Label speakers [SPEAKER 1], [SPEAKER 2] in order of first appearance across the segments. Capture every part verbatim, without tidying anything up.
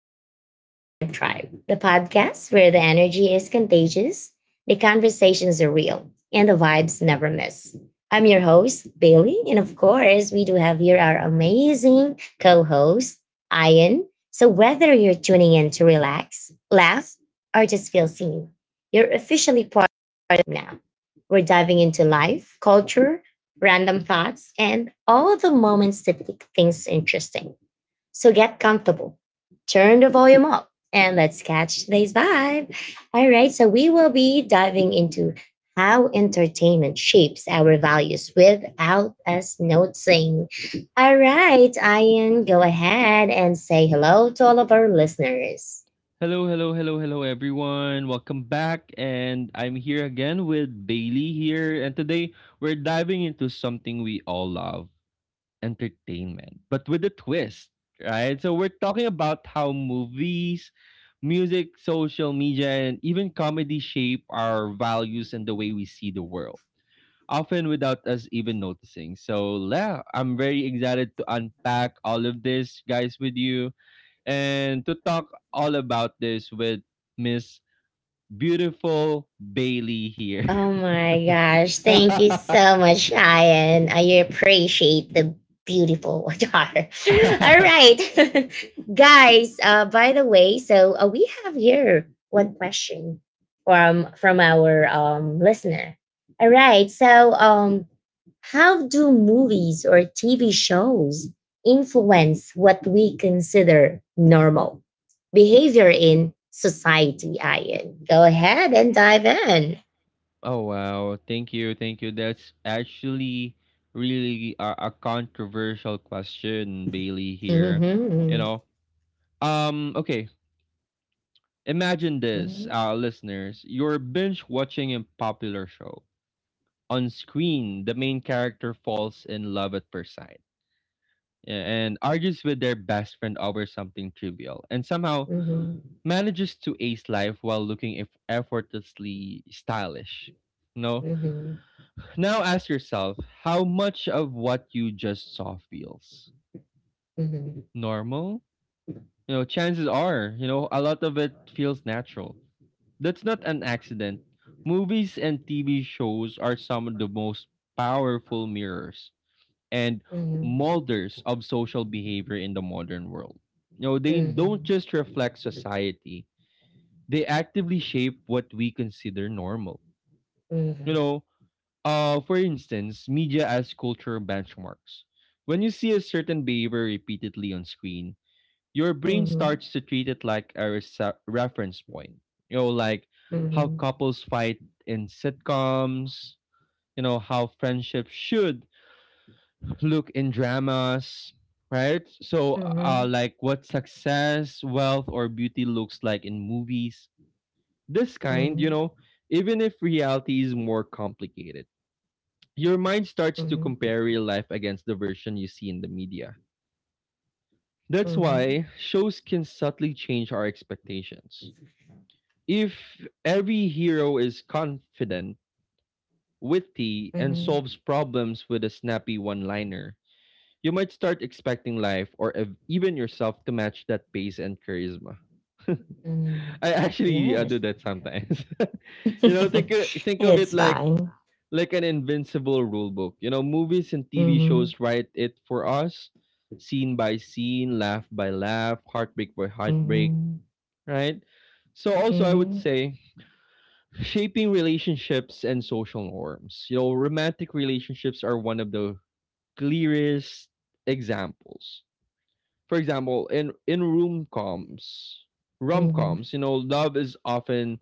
[SPEAKER 1] Welcome to the Vibe Tribe, the podcast where the energy is contagious, the conversations are real, and the vibes never miss. I'm your host, Bailey, and of course, we do have here our amazing co host, Ian. So, whether you're tuning in to relax, laugh, or just feel seen, you're officially part of now. We're diving into life, culture, random thoughts, and all the moments that make things interesting. So get comfortable, turn the volume up, and let's catch today's vibe. All right, so we will be diving into how entertainment shapes our values without us noticing. All right, Ian, go ahead and say hello to all of our listeners.
[SPEAKER 2] Hello, hello, hello, hello, everyone. Welcome back. And I'm here again with Bailey here. And today we're diving into something we all love entertainment, but with a twist, right? So we're talking about how movies, music, social media, and even comedy shape our values and the way we see the world, often without us even noticing. So, yeah, I'm very excited to unpack all of this, guys, with you. And to talk all about this with Miss Beautiful Bailey here.
[SPEAKER 1] Oh my gosh. Thank you so much, Ryan. I appreciate the beautiful jar. All right. Guys, uh, by the way, so uh, we have here one question from from our um, listener. All right. So, um, how do movies or T V shows influence what we consider normal behavior in society, Ian? Go ahead and dive in.
[SPEAKER 2] Oh wow, thank you, thank you. That's actually really a, a controversial question, Bailey
[SPEAKER 1] Mhm,
[SPEAKER 2] here. You
[SPEAKER 1] mhm,
[SPEAKER 2] know, um, okay. Imagine this,
[SPEAKER 1] mhm,
[SPEAKER 2] uh, listeners. You're binge watching a popular show. On screen, the main character falls in love at first sight. Yeah, and argues with their best friend over something trivial, and somehow
[SPEAKER 1] mhm, mhm,
[SPEAKER 2] manages to ace life while looking eff- effortlessly stylish. No.
[SPEAKER 1] mhm,
[SPEAKER 2] Now ask yourself how much of what you just saw feels
[SPEAKER 1] mhm, mhm,
[SPEAKER 2] normal. You know, chances are, you know, a lot of it feels natural. That's not an accident. Movies and T V shows are some of the most powerful mirrors and
[SPEAKER 1] mhm, mhm,
[SPEAKER 2] molders of social behavior in the modern world. You know, they don't just reflect society, they actively shape what we consider normal. You
[SPEAKER 1] mhm,
[SPEAKER 2] know, uh, for instance, media as cultural benchmarks. When you see a certain behavior repeatedly on screen, your brain
[SPEAKER 1] mhm,
[SPEAKER 2] starts to treat it like a resa- reference point. You know, like how couples fight in sitcoms, you know, how friendship should look in dramas, right? So, uh, like what success, wealth, or beauty looks like in movies. This kind, you
[SPEAKER 1] mhm,
[SPEAKER 2] know, even if reality is more complicated, your mind starts to compare real life against the version you see in the media. That's
[SPEAKER 1] mhm,
[SPEAKER 2] why shows can subtly change our expectations. If every hero is confident, witty, and
[SPEAKER 1] mhm,
[SPEAKER 2] solves problems with a snappy one liner, you might start expecting life or ev- even yourself to match that pace and charisma.
[SPEAKER 1] mhm.
[SPEAKER 2] I actually uh, do
[SPEAKER 1] Yes.
[SPEAKER 2] that sometimes. You know, think uh, think of it
[SPEAKER 1] It's
[SPEAKER 2] like
[SPEAKER 1] fine.
[SPEAKER 2] like an invincible rule book. You know, movies and T V
[SPEAKER 1] Mm-hmm.
[SPEAKER 2] shows write it for us, scene by scene, laugh by laugh, heartbreak by heartbreak,
[SPEAKER 1] Mm-hmm.
[SPEAKER 2] right? So also I would
[SPEAKER 1] Mm-hmm.
[SPEAKER 2] say shaping relationships and social norms. You know, romantic relationships are one of the clearest examples. For example, in in room coms, rom
[SPEAKER 1] Mm-hmm.
[SPEAKER 2] coms, you know, love is often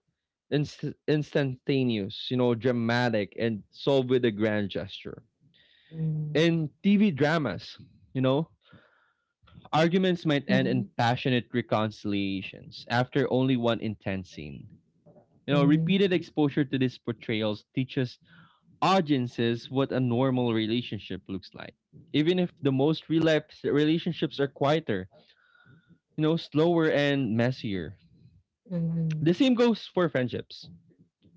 [SPEAKER 2] inst- instantaneous, you know, dramatic and solved with a grand gesture. In T V dramas, you know, arguments might end in
[SPEAKER 1] Mm-hmm.
[SPEAKER 2] passionate reconciliations after only one intense scene. You know, repeated
[SPEAKER 1] Mm-hmm.
[SPEAKER 2] exposure to these portrayals teaches audiences what a normal relationship looks like. Even if the most real life relationships are quieter, you know, slower and messier.
[SPEAKER 1] Mm-hmm.
[SPEAKER 2] The same goes for friendships.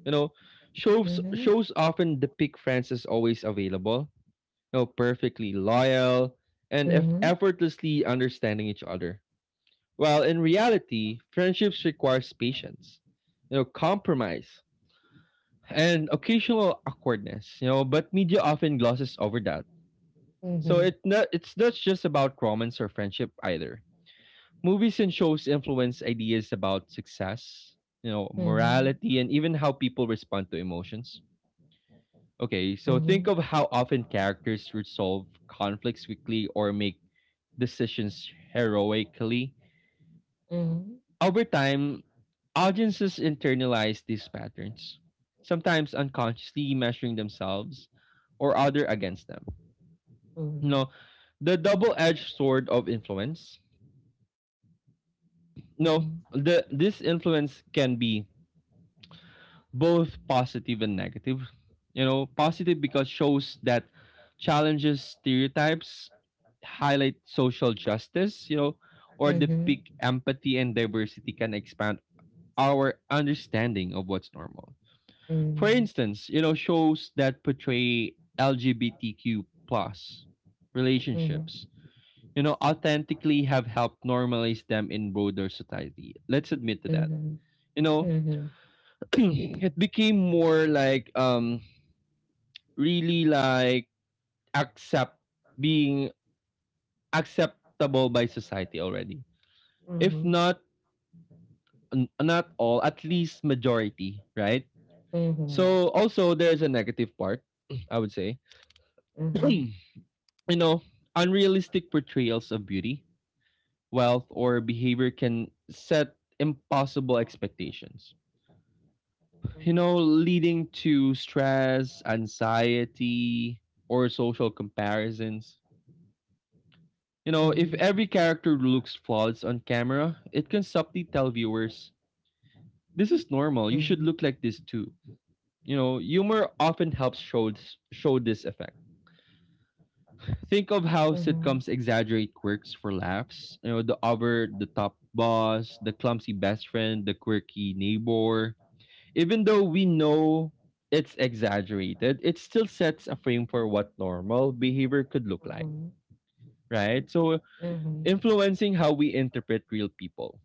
[SPEAKER 2] You know, shows
[SPEAKER 1] Mm-hmm. Mm-hmm.
[SPEAKER 2] shows often depict friends as always available, you know, perfectly loyal, and eff
[SPEAKER 1] Mm-hmm.
[SPEAKER 2] effortlessly understanding each other. While in reality, friendships requires patience, you know, compromise, and occasional awkwardness. You know, but media often glosses over that. So it not, it's not just about romance or friendship either. Movies and shows influence ideas about success, you know,
[SPEAKER 1] Mm-hmm.
[SPEAKER 2] morality, and even how people respond to emotions. Okay, so think of
[SPEAKER 1] Mm-hmm.
[SPEAKER 2] how often characters resolve conflicts quickly or make decisions heroically. Over time, audiences internalize these patterns, sometimes unconsciously measuring themselves or other against them.
[SPEAKER 1] Mm-hmm.
[SPEAKER 2] No, the double-edged sword of influence. No,
[SPEAKER 1] Mm-hmm.
[SPEAKER 2] the this influence can be both positive and negative. You know, positive because shows that challenges stereotypes, highlight social justice, you know, or
[SPEAKER 1] Mm-hmm.
[SPEAKER 2] depict empathy and diversity can expand our understanding of what's normal. For
[SPEAKER 1] Mhm,
[SPEAKER 2] instance, you know, shows that portray L G B T Q plus relationships,
[SPEAKER 1] mhm,
[SPEAKER 2] you know, authentically have helped normalize them in broader society. Let's admit to that.
[SPEAKER 1] mhm,
[SPEAKER 2] You know,
[SPEAKER 1] mhm,
[SPEAKER 2] it became more like um really like accept being acceptable by society already. If
[SPEAKER 1] mhm,
[SPEAKER 2] not n- not all, at least majority, right?
[SPEAKER 1] mhm, yeah.
[SPEAKER 2] So also there's a negative part, I would say.
[SPEAKER 1] Mhm,
[SPEAKER 2] You know, unrealistic portrayals of beauty, wealth or behavior can set impossible expectations. You
[SPEAKER 1] mhm,
[SPEAKER 2] know, leading to stress, anxiety, or social comparisons. You
[SPEAKER 1] mhm,
[SPEAKER 2] know, if
[SPEAKER 1] mhm,
[SPEAKER 2] every character looks flawless on camera, it can subtly tell viewers, this is normal, you should look like this too. You know, humor often helps show, show this effect. Think of how
[SPEAKER 1] mhm, mhm,
[SPEAKER 2] sitcoms exaggerate quirks for laughs. You know, the over the top boss, the clumsy best friend, the quirky neighbor. Even though we know it's exaggerated, it still sets a frame for what normal behavior could look
[SPEAKER 1] mhm,
[SPEAKER 2] like,
[SPEAKER 1] mhm,
[SPEAKER 2] right? So,
[SPEAKER 1] mhm, mhm, mhm,
[SPEAKER 2] influencing how we interpret real people.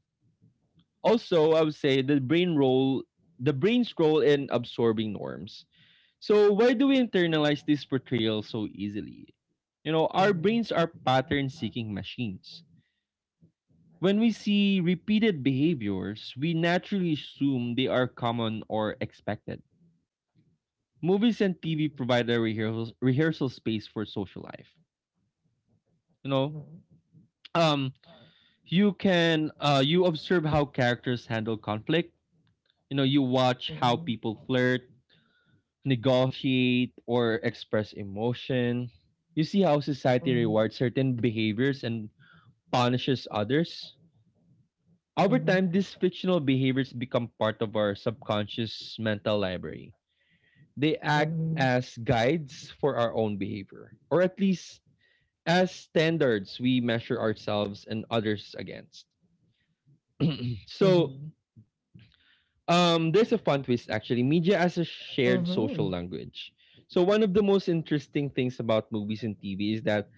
[SPEAKER 2] Also, I would say the brain role, the brain's role in absorbing norms. So why do we internalize this portrayal so easily? You know,
[SPEAKER 1] mhm,
[SPEAKER 2] our brains
[SPEAKER 1] mhm,
[SPEAKER 2] are pattern seeking machines. When we see repeated behaviors, we naturally assume they are common or expected. Movies and T V provide a rehearsal rehearsal space for social life. You know,
[SPEAKER 1] mhm,
[SPEAKER 2] um, you can uh, you observe how characters handle conflict. You know, you watch how
[SPEAKER 1] mhm,
[SPEAKER 2] people flirt, negotiate, or express emotion. You see how society rewards certain behaviors and punishes others?
[SPEAKER 1] mhm, mhm, mhm, mhm, mhm, mhm, mhm, mhm, mhm,
[SPEAKER 2] Over
[SPEAKER 1] mhm, mhm, mhm, mhm,
[SPEAKER 2] time,
[SPEAKER 1] mhm,
[SPEAKER 2] these fictional behaviors become part of our subconscious mental library. They act as guides for our own behavior, or at least as standards we measure ourselves and others against.
[SPEAKER 1] mhm, mhm, mhm,
[SPEAKER 2] So,
[SPEAKER 1] mhm,
[SPEAKER 2] um, there's a fun twist actually media as a shared social language. So, one of the most interesting things about movies and T V is that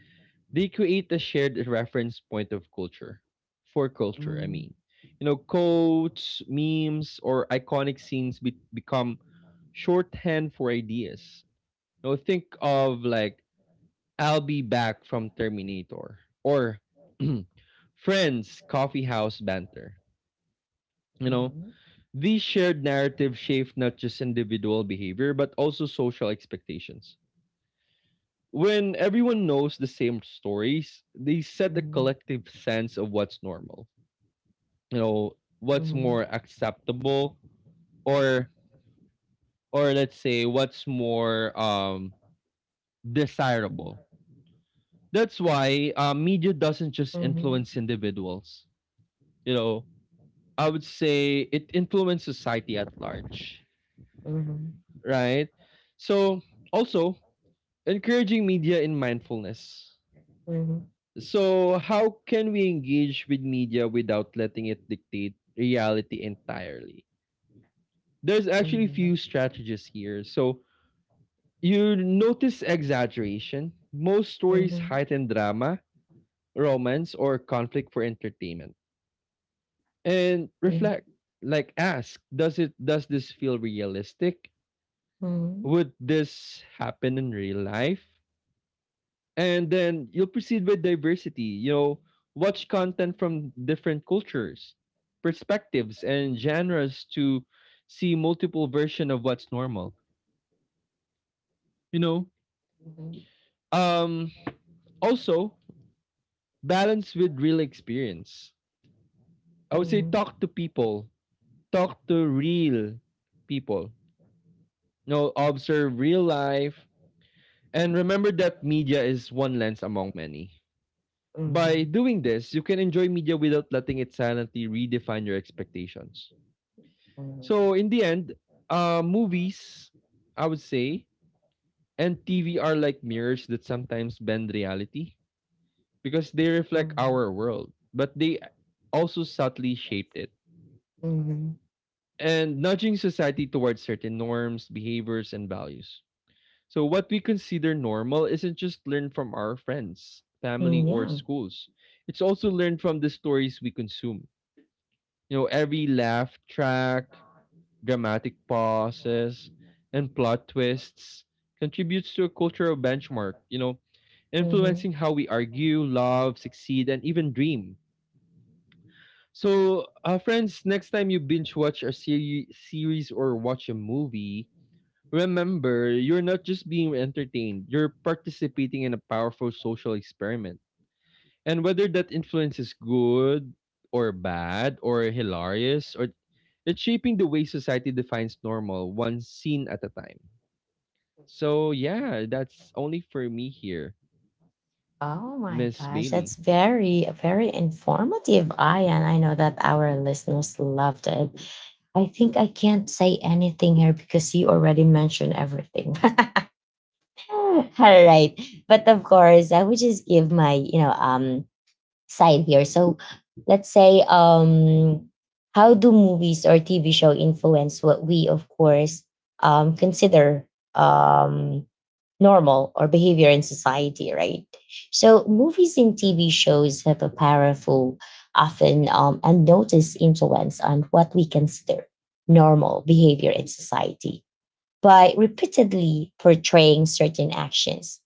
[SPEAKER 2] they create a shared reference point of culture. For culture, I mean. You know, quotes, memes, or iconic scenes be- become shorthand for ideas. You know, think of like I'll be back from Terminator or Friends Coffee House Banter. You know, these shared narratives shape not just individual behavior but also social expectations. When everyone knows the same stories, they set a collective sense of what's normal. You know, what's more acceptable or or let's say what's more um desirable. That's why uh, media doesn't just influence individuals. You know, I would say it influences society at large, right? So also encouraging media in mindfulness. So, how can we engage with media without letting it dictate reality entirely? There's actually few strategies here. So, you notice exaggeration. Most stories heighten drama, romance, or conflict for entertainment. And reflect, like ask, does it does this feel realistic? Would this happen in real life? And then you'll proceed with diversity, you know, watch content from different cultures, perspectives and genres to see multiple version of what's normal, you know, um also balance with real experience. I would say talk to people, talk to real people, you know, observe real life and remember that media is one lens among many. By doing this, you can enjoy media without letting its sanity redefine your expectations. So, in the end, uh, movies, I would say, and T V are like mirrors that sometimes bend reality because they reflect our world, but they also subtly shaped it and nudging society towards certain norms, behaviors, and values. So, what we consider normal isn't just learned from our friends, family, or
[SPEAKER 1] yeah.
[SPEAKER 2] schools, it's also learned from the stories we consume. You know, every laugh track, dramatic pauses, and plot twists contributes to a cultural benchmark, you know,
[SPEAKER 1] Mhm.
[SPEAKER 2] influencing how we argue, love, succeed, and even dream. So, uh, friends, next time you binge watch a seri- series or watch a movie, remember you're not just being entertained, you're participating in a powerful social experiment and whether that influence is good or bad or hilarious or it's shaping the way society defines normal, one scene at a time. So yeah, that's only for me here,
[SPEAKER 1] Oh my
[SPEAKER 2] Miss
[SPEAKER 1] gosh,
[SPEAKER 2] Bailey.
[SPEAKER 1] that's very, very informative, Ayan. I know that our listeners loved it. I think I can't say anything here because you already mentioned everything. All right. But of course, I would just give my, you know, um side here. So let's say um how do movies or T V show influence what we of course um consider um normal or behavior in society, right? So movies and T V shows have a powerful, often um, unnoticed influence on what we consider normal behavior in society by repeatedly portraying certain actions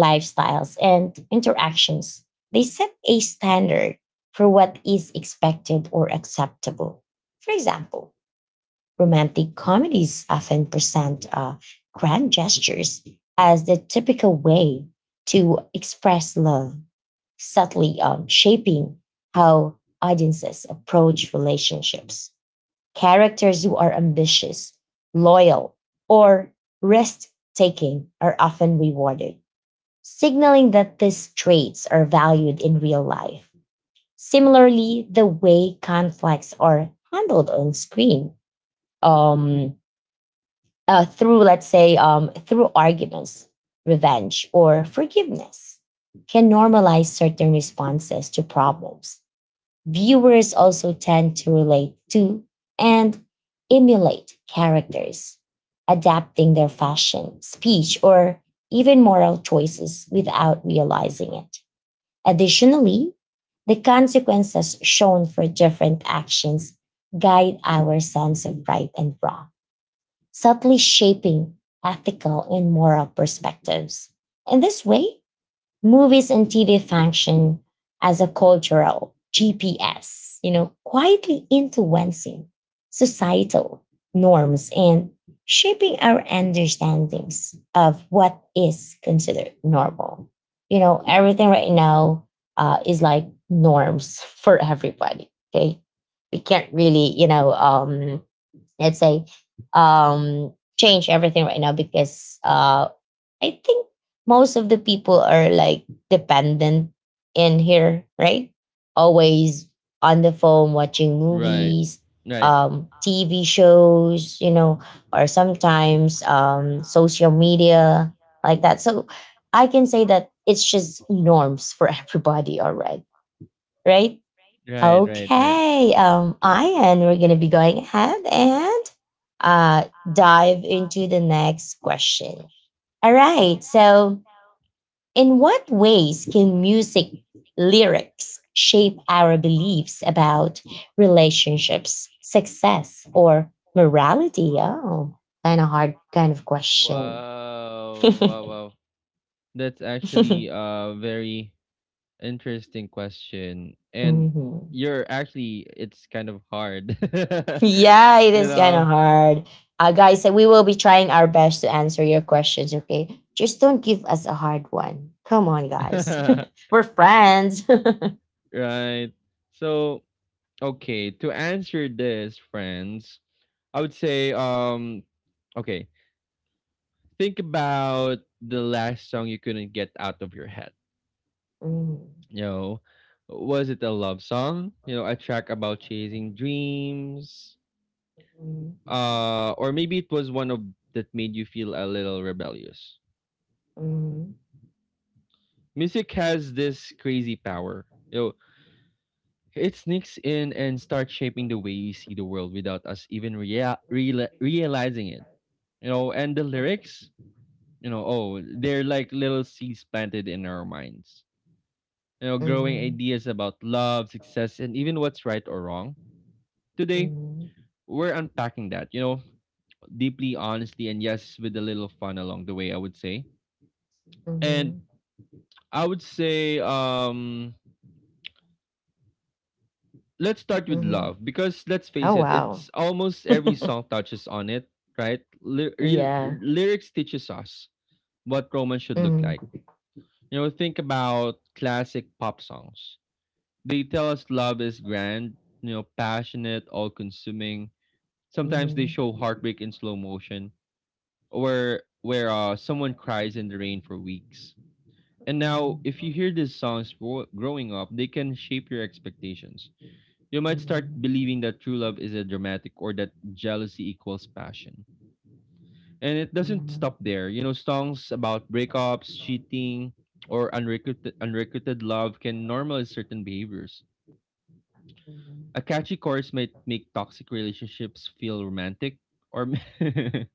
[SPEAKER 1] lifestyles, and interactions. They set a standard for what is expected or acceptable. For example, romantic comedies often present uh, grand gestures as the typical way to express love, subtly um, shaping how audiences approach relationships. Characters who are ambitious, loyal, or risk taking are often rewarded signaling that these traits are valued in real life. Similarly, the way conflicts are handled on screen, um, uh, through let's say um, through arguments, revenge, or forgiveness, can normalize certain responses to problems. Viewers also tend to relate to and emulate characters, adapting their fashion, speech, or even moral choices without realizing it. Additionally, the consequences shown for different actions guide our sense of right and wrong, subtly shaping ethical and moral perspectives. In this way, movies and T V function as a cultural G P S, you know, quietly influencing societal norms and shaping our understandings of what is considered normal. You know, everything right now uh, is like norms for everybody. Okay. We can't really, you know, um, let's say, um, change everything right now because uh, I think most of the people are like dependent in here, right? Always on the phone watching
[SPEAKER 2] Right.
[SPEAKER 1] movies,
[SPEAKER 2] Right.
[SPEAKER 1] um, T V shows, you know, or sometimes um, social media like that. So I can say that it's just norms for everybody already, right?
[SPEAKER 2] Right, right, right.
[SPEAKER 1] Okay, um, Ian, we're gonna be going ahead and uh, dive into the next question. All right, so in what ways can music lyrics shape our beliefs about relationships, success, or morality? Oh, kind of hard kind of question.
[SPEAKER 2] Wow, wow, wow. That's actually uh very interesting question. And
[SPEAKER 1] Mhm.
[SPEAKER 2] you're actually it's kind of hard.
[SPEAKER 1] Yeah, it
[SPEAKER 2] You
[SPEAKER 1] is kind of
[SPEAKER 2] know.
[SPEAKER 1] hard. Uh, guys, uh, we will be trying our best to answer your questions, okay? Just don't give us a hard one. Come on, guys. We're friends.
[SPEAKER 2] Right. So, okay, to answer this, friends, I would say um okay, think about the last song you couldn't get out of your head.
[SPEAKER 1] Mhm.
[SPEAKER 2] You know, was it a love song? You know, a track about chasing dreams? Uh or maybe it was one of that made you feel a little rebellious.
[SPEAKER 1] Mhm. Mhm.
[SPEAKER 2] Music has this crazy power. You know, it sneaks in and starts shaping the way we see the world without us even rea- reala realizing it. You know, and the lyrics, you know, oh, they're like little seeds planted in our minds. You know, growing
[SPEAKER 1] Mhm.
[SPEAKER 2] ideas about love, success, and even what's right or wrong. Today,
[SPEAKER 1] Mhm.
[SPEAKER 2] we're unpacking that, you know, deeply, honestly, and yes, with a little fun along the way, I would say. And
[SPEAKER 1] Mhm.
[SPEAKER 2] I would say, um, let's start with
[SPEAKER 1] Mhm.
[SPEAKER 2] love because let's face
[SPEAKER 1] Oh
[SPEAKER 2] it,
[SPEAKER 1] wow.
[SPEAKER 2] it's almost every song touches on it, right? Ly- real-
[SPEAKER 1] Yeah.
[SPEAKER 2] lyrics teaches us what romance should look
[SPEAKER 1] Mhm.
[SPEAKER 2] like. You know, think about classic pop songs. They tell us love is grand, you know, passionate, all consuming. Sometimes they
[SPEAKER 1] Mhm.
[SPEAKER 2] show heartbreak in slow motion, or where uh, someone cries in the rain for weeks. And now, if you hear these songs gro- growing up, they can shape your expectations. You might start believing that true love is a dramatic, or that jealousy equals passion. And it doesn't
[SPEAKER 1] Mhm.
[SPEAKER 2] stop there. You know, songs about breakups, cheating, or unrequited, unrequited love can normalize certain behaviors. A catchy chorus might make toxic relationships feel romantic, or m-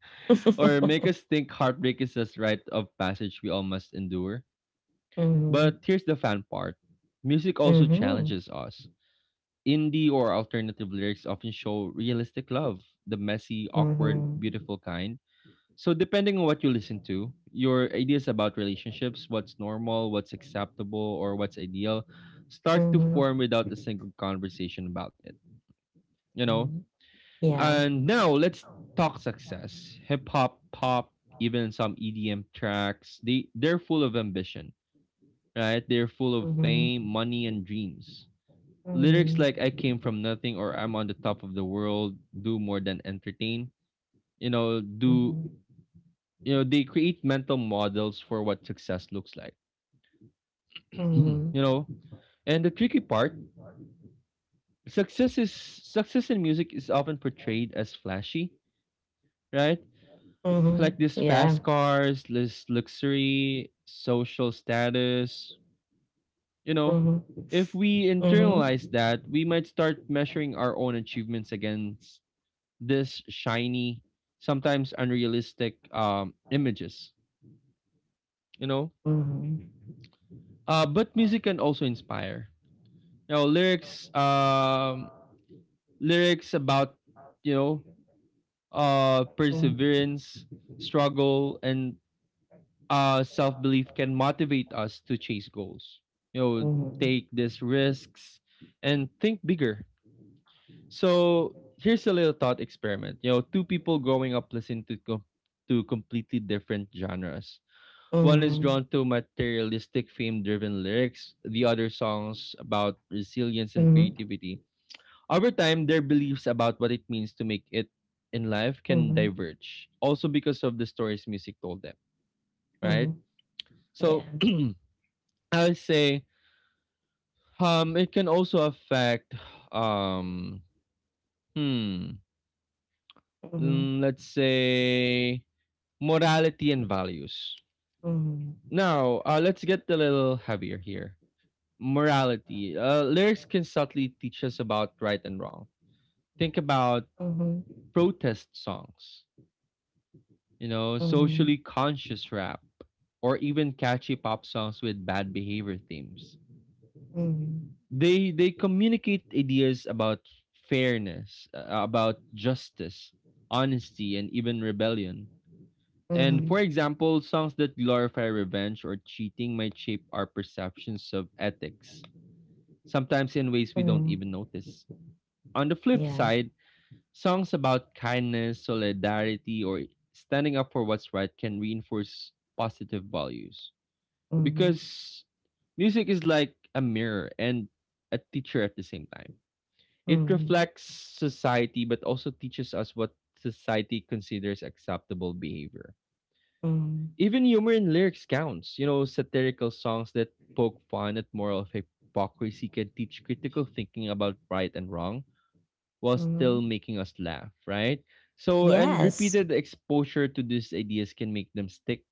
[SPEAKER 2] or make us think heartbreak is this rite of passage we all must endure. But
[SPEAKER 1] Mhm.
[SPEAKER 2] here's the fun part. Music also challenges us. Indie or alternative lyrics often show realistic love, the messy,
[SPEAKER 1] Mhm.
[SPEAKER 2] awkward,
[SPEAKER 1] Mhm.
[SPEAKER 2] beautiful kind. So, depending on what you listen to, your ideas about relationships, what's normal, what's acceptable, or what's ideal, start to
[SPEAKER 1] Mhm.
[SPEAKER 2] form without a single conversation about it. You know?
[SPEAKER 1] Mhm. Yeah.
[SPEAKER 2] And now, let's talk success. Hip hop, pop, even some E D M tracks, they, they're full of ambition, right? They're full of fame,
[SPEAKER 1] Mhm.
[SPEAKER 2] money, and dreams. Lyrics like
[SPEAKER 1] Mhm.
[SPEAKER 2] I came from nothing, or I'm on the top of the world, do more than entertain. You know, do
[SPEAKER 1] Mhm.
[SPEAKER 2] you know they create mental models for what success looks like. You know, and the tricky part, success is success in music is often portrayed as flashy, right?
[SPEAKER 1] Mhm.
[SPEAKER 2] Like
[SPEAKER 1] Mhm.
[SPEAKER 2] this fast
[SPEAKER 1] Yeah.
[SPEAKER 2] cars, this luxury, social status, you know.
[SPEAKER 1] Mhm.
[SPEAKER 2] If we
[SPEAKER 1] Mhm.
[SPEAKER 2] internalize that, we might start measuring our own achievements against this shiny, sometimes unrealistic um, images, you know.
[SPEAKER 1] Mhm.
[SPEAKER 2] Uh, but music can also inspire. You know, lyrics, um, lyrics about you know, uh, perseverance, struggle, and uh, self belief can motivate us to chase goals. You know,
[SPEAKER 1] Mhm.
[SPEAKER 2] take these risks and think bigger. So here's a little thought experiment. You know, two people growing up listen to com- to completely different genres. One is
[SPEAKER 1] Mhm.
[SPEAKER 2] drawn to materialistic fame driven lyrics, the other songs about resilience and
[SPEAKER 1] Mhm.
[SPEAKER 2] creativity. Over time, their beliefs about what it means to make it in life
[SPEAKER 1] Mhm.
[SPEAKER 2] can
[SPEAKER 1] Mhm.
[SPEAKER 2] diverge, also because of the stories music told them, right?
[SPEAKER 1] Mhm.
[SPEAKER 2] So
[SPEAKER 1] Yeah.
[SPEAKER 2] I would say um, it can also affect, um, hmm,
[SPEAKER 1] Mhm.
[SPEAKER 2] mm, let's say, morality and values.
[SPEAKER 1] Mhm.
[SPEAKER 2] Now, uh, let's get a little heavier here. Morality. Uh, lyrics can subtly teach us about right and wrong. Think about
[SPEAKER 1] Mhm.
[SPEAKER 2] protest songs, you know,
[SPEAKER 1] Mhm.
[SPEAKER 2] socially conscious rap, or even catchy pop songs with bad behavior themes.
[SPEAKER 1] Mhm.
[SPEAKER 2] They they communicate ideas about fairness, uh, about justice, honesty, and even rebellion. And for
[SPEAKER 1] Mhm.
[SPEAKER 2] example, songs that glorify revenge or cheating might shape our perceptions of ethics, sometimes in ways we don't
[SPEAKER 1] Mhm.
[SPEAKER 2] even notice. On the flip
[SPEAKER 1] Yeah.
[SPEAKER 2] side, songs about kindness, solidarity, or standing up for what's right can reinforce positive values.
[SPEAKER 1] Mhm.
[SPEAKER 2] Because music is like a mirror and a teacher at the same time. It
[SPEAKER 1] Mhm.
[SPEAKER 2] reflects society but also teaches us what society considers acceptable behavior.
[SPEAKER 1] Mhm.
[SPEAKER 2] Even humor in lyrics counts. You know, satirical songs that poke fun at moral hypocrisy can teach critical thinking about right and wrong while still
[SPEAKER 1] Mhm.
[SPEAKER 2] making us laugh, right? So, and
[SPEAKER 1] Yes.
[SPEAKER 2] repeated exposure to these ideas can make them stick,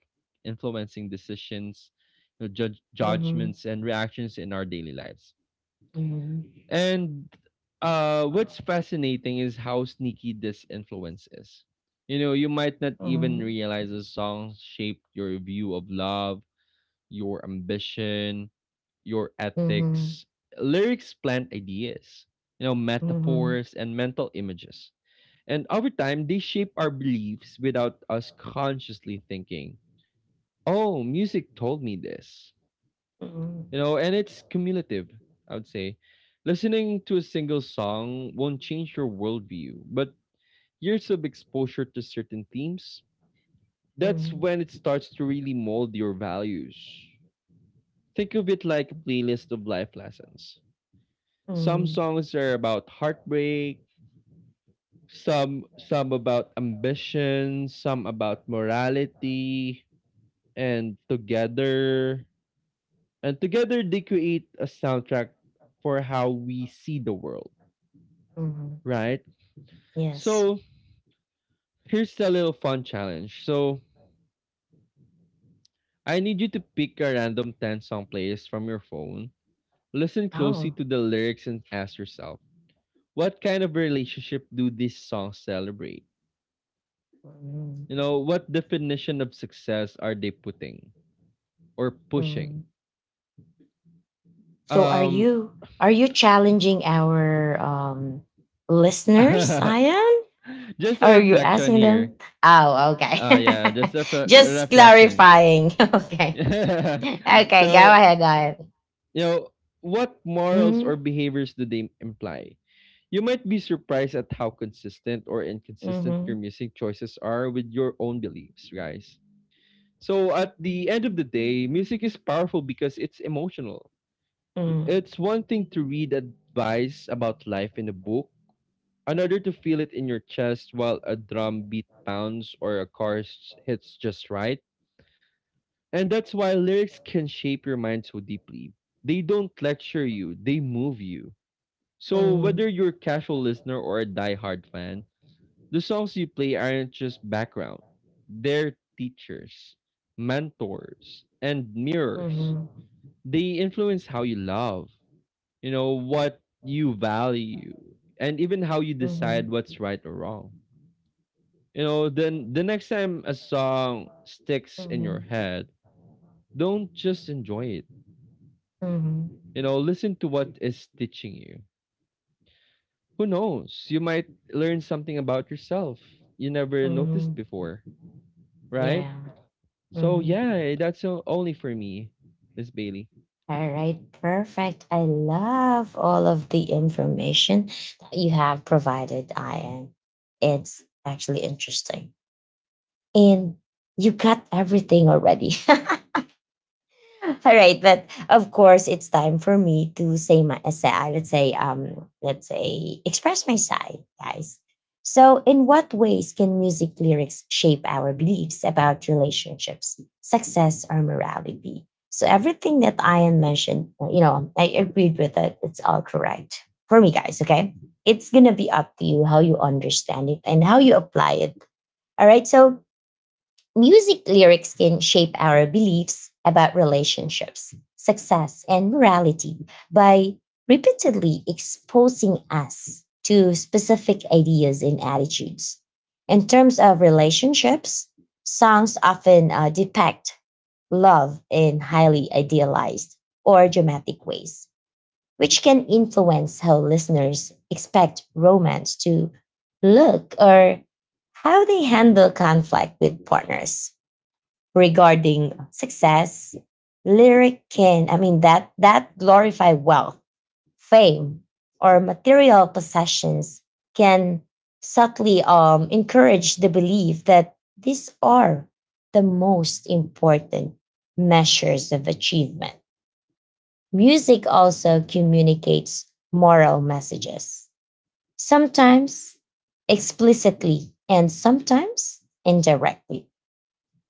[SPEAKER 2] influencing decisions, you know, judge,
[SPEAKER 1] Mhm.
[SPEAKER 2] judgments, and reactions in our daily lives.
[SPEAKER 1] Mhm.
[SPEAKER 2] And uh, what's fascinating is how sneaky this influence is. You know, you might not even
[SPEAKER 1] Mhm.
[SPEAKER 2] realize the song shaped your view of love, your ambition, your
[SPEAKER 1] Mhm.
[SPEAKER 2] ethics. Lyrics plant ideas, you know,
[SPEAKER 1] Mhm.
[SPEAKER 2] metaphors, and mental images, and over time, they shape our beliefs without us consciously thinking, oh, music told me this. You
[SPEAKER 1] Mhm.
[SPEAKER 2] know, and it's cumulative, I would say. Listening to a single song won't change your worldview, but years of exposure to certain themes, that's
[SPEAKER 1] Mhm.
[SPEAKER 2] when it starts to really mold your values. Think of it like a playlist of life lessons. Some
[SPEAKER 1] Mhm.
[SPEAKER 2] songs are about heartbreak, some some about ambition, some about morality, and together and together they create a soundtrack for how we see the world,
[SPEAKER 1] Mhm.
[SPEAKER 2] right?
[SPEAKER 1] Yes.
[SPEAKER 2] So here's a little fun challenge. So I need you to pick a random ten song playlist from your phone. Listen closely
[SPEAKER 1] Oh.
[SPEAKER 2] to the lyrics and ask yourself, what kind of relationship do these songs celebrate? You
[SPEAKER 1] Mhm.
[SPEAKER 2] know, what definition of success are they putting or pushing?
[SPEAKER 1] Mhm. So are
[SPEAKER 2] Um
[SPEAKER 1] you are you challenging our um listeners, I am?
[SPEAKER 2] just
[SPEAKER 1] Or
[SPEAKER 2] a
[SPEAKER 1] are you
[SPEAKER 2] reflection
[SPEAKER 1] asking
[SPEAKER 2] here.
[SPEAKER 1] them? Oh, okay.
[SPEAKER 2] Uh, yeah, just a refle-
[SPEAKER 1] Just
[SPEAKER 2] reflection.
[SPEAKER 1] clarifying. Okay. Okay, go
[SPEAKER 2] So,
[SPEAKER 1] ahead, I.
[SPEAKER 2] you know, what morals or
[SPEAKER 1] Mhm.
[SPEAKER 2] behaviors do they imply? You might be surprised at how consistent or inconsistent your
[SPEAKER 1] Mhm.
[SPEAKER 2] music choices are with your own beliefs, guys. So, at the end of the day, music is powerful because it's emotional.
[SPEAKER 1] Mhm.
[SPEAKER 2] It's one thing to read advice about life in a book, another to feel it in your chest while a drum beat pounds or a chorus hits just right. And that's why lyrics can shape your mind so deeply. They don't lecture you, they move you. So, whether
[SPEAKER 1] Mhm.
[SPEAKER 2] you're a casual listener or a diehard fan, the songs you play aren't just background, they're teachers, mentors, and mirrors.
[SPEAKER 1] Mhm.
[SPEAKER 2] They influence how you love, you know, what you value, and even how you decide
[SPEAKER 1] Mhm,
[SPEAKER 2] what's right or wrong. You know, then the next time a song sticks in your
[SPEAKER 1] mhm,
[SPEAKER 2] head, don't just enjoy it.
[SPEAKER 1] mhm,
[SPEAKER 2] You know, listen to what is teaching you. Who knows? You might learn something about yourself you never noticed
[SPEAKER 1] mhm.
[SPEAKER 2] before, right?
[SPEAKER 1] Yeah.
[SPEAKER 2] So
[SPEAKER 1] Mhm.
[SPEAKER 2] yeah, that's o- only for me, Miss Bailey.
[SPEAKER 1] All right, perfect. I love all of the information that you have provided, Ian. It's actually interesting. And you got everything already. All right, but of course it's time for me to say my uh, say, uh, let's say um let's say express my side, guys. So in what ways can music lyrics shape our beliefs about relationships, success or morality? So everything that Ian mentioned, uh, you know, I agreed with it. It's all correct for me, guys, okay? It's going to be up to you how you understand it and how you apply it. All right? So music lyrics can shape our beliefs about relationships, success, and morality by repeatedly exposing us to specific ideas and attitudes. In terms of relationships, songs often uh, depict love in highly idealized or dramatic ways, which can influence how listeners expect romance to look or how they handle conflict with partners regarding success, lyric can, I mean, that, that glorify wealth, fame, or material possessions can subtly um, encourage the belief that these are the most important measures of achievement. Music also communicates moral messages, sometimes explicitly and sometimes indirectly.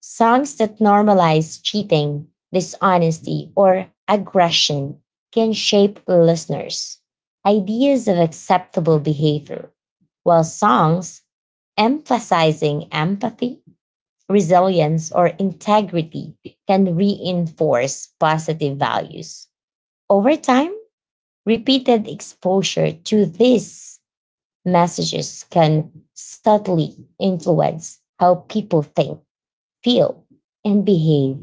[SPEAKER 1] Songs that normalize cheating, dishonesty, or aggression can shape listeners' ideas of acceptable behavior, while songs emphasizing empathy, resilience, or integrity can reinforce positive values. Over time, repeated exposure to these messages can subtly influence how people think, feel, and behave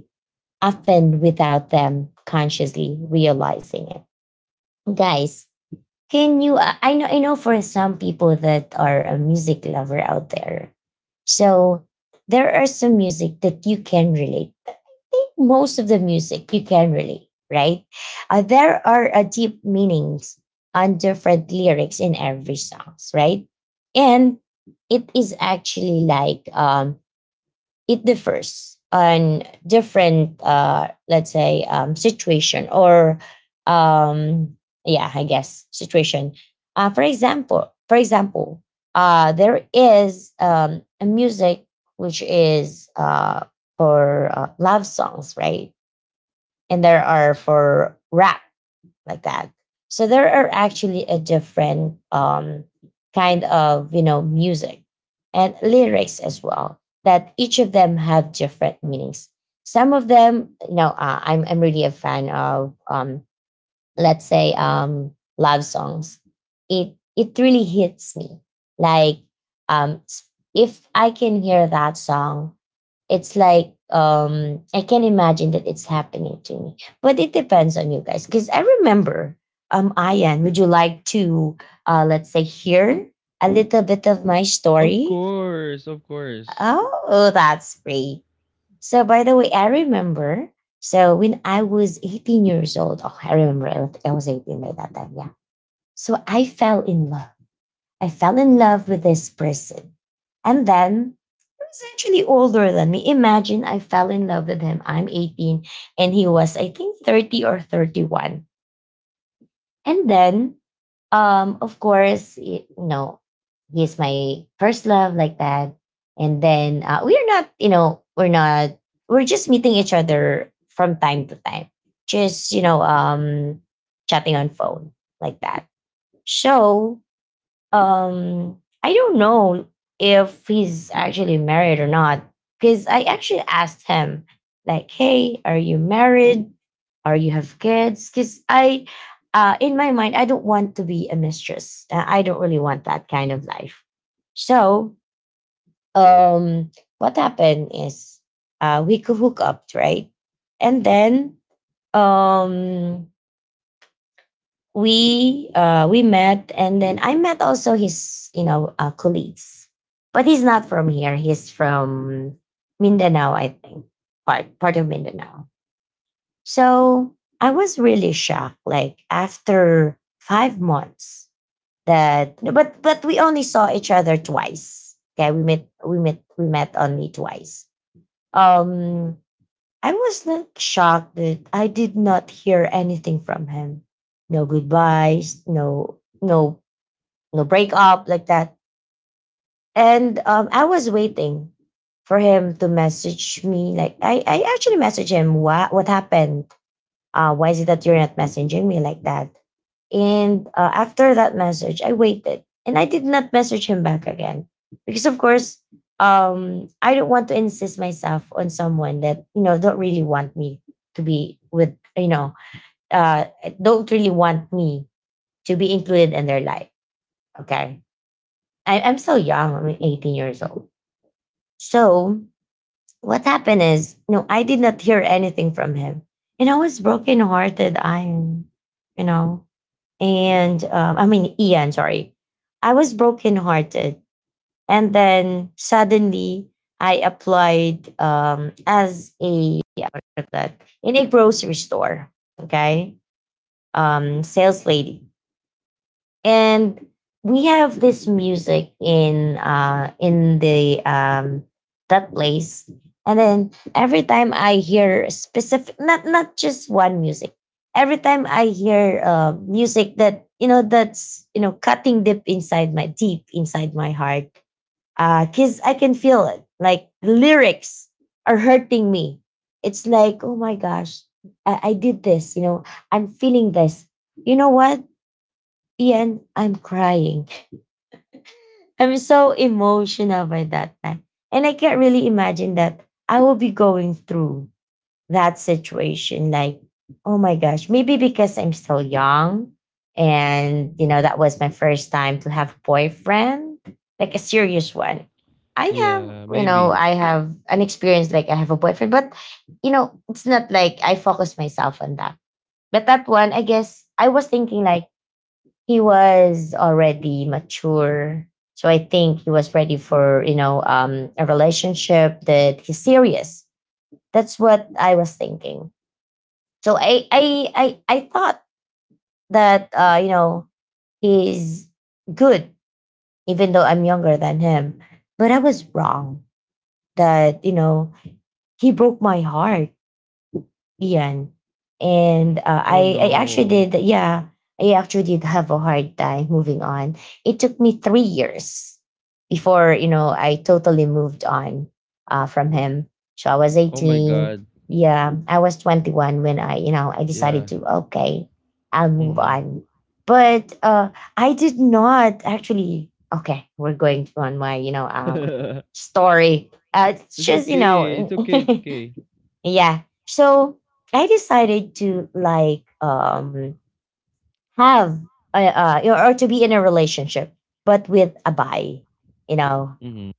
[SPEAKER 1] often without them consciously realizing it. Guys, can you I I know I know for some people that are a music lover out there. So there are some music that you can relate. I think most of the music you can relate, right? Uh, there are uh, deep meanings on different lyrics in every songs, right? And it is actually like um it differs on different uh let's say um situation or um yeah I guess situation. Uh for example for example uh there is um a music which is uh for uh, love songs, right? And there are for rap like that. So there are actually a different um, kind of you know music and lyrics as well that each of them have different meanings. Some of them, you know, uh, I'm I'm really a fan of um, let's say um love songs. it it really hits me like um s- if I can hear that song, it's like um I can imagine that it's happening to me. But it depends on you guys because I remember um Ian, would you like to uh let's say hear a little bit of my
[SPEAKER 2] Of
[SPEAKER 1] story?
[SPEAKER 2] course, of course.
[SPEAKER 1] Oh, that's great. So by the way, I remember. So when I was eighteen years old, oh, I remember I was I was eighteen by that time. Yeah. So I fell in love. I fell in love with this person. And then he was actually older than me. Imagine I fell in love with him. I'm eighteen and he was, I think, thirty or thirty-one. And then um of course y- you know he's my first love like that. And then uh, we're not you know we're not we're just meeting each other from time to time, just you know um chatting on phone like that. So um I don't know if he's actually married or not because I actually asked him like, hey, are you married or you have kids? Because i uh, in my mind I don't want to be a mistress. Uh, I don't really want that kind of life. So um what happened is uh we could hook up, right? And then um we uh we met, and then I met also his you know uh, colleagues. But he's not from here. He's from Mindanao, I think. Part part of Mindanao. So I was really shocked like after five months that, but but we only saw each other twice. Okay, we met we met we met only twice. um I was like shocked that I did not hear anything from him. No goodbyes, no no no breakup like that. And um, I was waiting for him to message me. Like I, I actually messaged him what what happened, uh, why is it that you're not messaging me like that? And uh, after that message, I waited and I did not message him back again because, of course, um, I don't want to insist myself on someone that you know don't really want me to be with you know uh, don't really want me to be included in their life. Okay, I, I'm still young. I'm eighteen years old. So what happened is, you know, I did not hear anything from him, and I was brokenhearted. I, you know, and um, I mean Ian, sorry. I was brokenhearted, and then suddenly I applied um, as a what is that, in a grocery store. Okay, um, sales lady, and we have this music in uh in the um that place. And then every time I hear specific, not not just one music, every time I hear uh, music that, you know, that's, you know, cutting deep inside my, deep inside my heart, because I can feel it, like the lyrics are hurting me. It's like, oh my gosh, I, I did this, you know, I'm feeling this, you know what, and I'm crying. I'm so emotional by that time. And I can't really imagine that I will be going through that situation. Like, oh my gosh, maybe because I'm still young and, you know, that was my first time to have boyfriend, like a serious one. I
[SPEAKER 2] Yeah,
[SPEAKER 1] have, you know,
[SPEAKER 2] maybe.
[SPEAKER 1] I have an experience like I have a boyfriend, but, you know, it's not like I focus myself on that. But that one, I guess I was thinking like, he was already mature. So I think he was ready for, you know, um, a relationship that he's serious. That's what I was thinking. So I I I, I thought that uh, you know, he's good, even though I'm younger than him. But I was wrong that, you know, he broke my heart, Ian. And uh,
[SPEAKER 2] Oh
[SPEAKER 1] I, I actually
[SPEAKER 2] no.
[SPEAKER 1] did, yeah, I actually did have a hard time moving on. It took me three years before, you know, I totally moved on uh, from him. So I was
[SPEAKER 2] Oh my
[SPEAKER 1] eighteen.
[SPEAKER 2] god.
[SPEAKER 1] Yeah, I was twenty-one when I, you know, I decided
[SPEAKER 2] Yeah.
[SPEAKER 1] to, okay, I'll move
[SPEAKER 2] Mm-hmm.
[SPEAKER 1] on. But uh, I did not actually, okay, we're going on my, you know, um, story. Uh, it's
[SPEAKER 2] It's
[SPEAKER 1] just, you
[SPEAKER 2] okay.
[SPEAKER 1] know,
[SPEAKER 2] It's okay. It's okay.
[SPEAKER 1] yeah. So I decided to, like, um, have uh, uh you know, or to be in a relationship, but with a guy, you know.
[SPEAKER 2] Mm-hmm.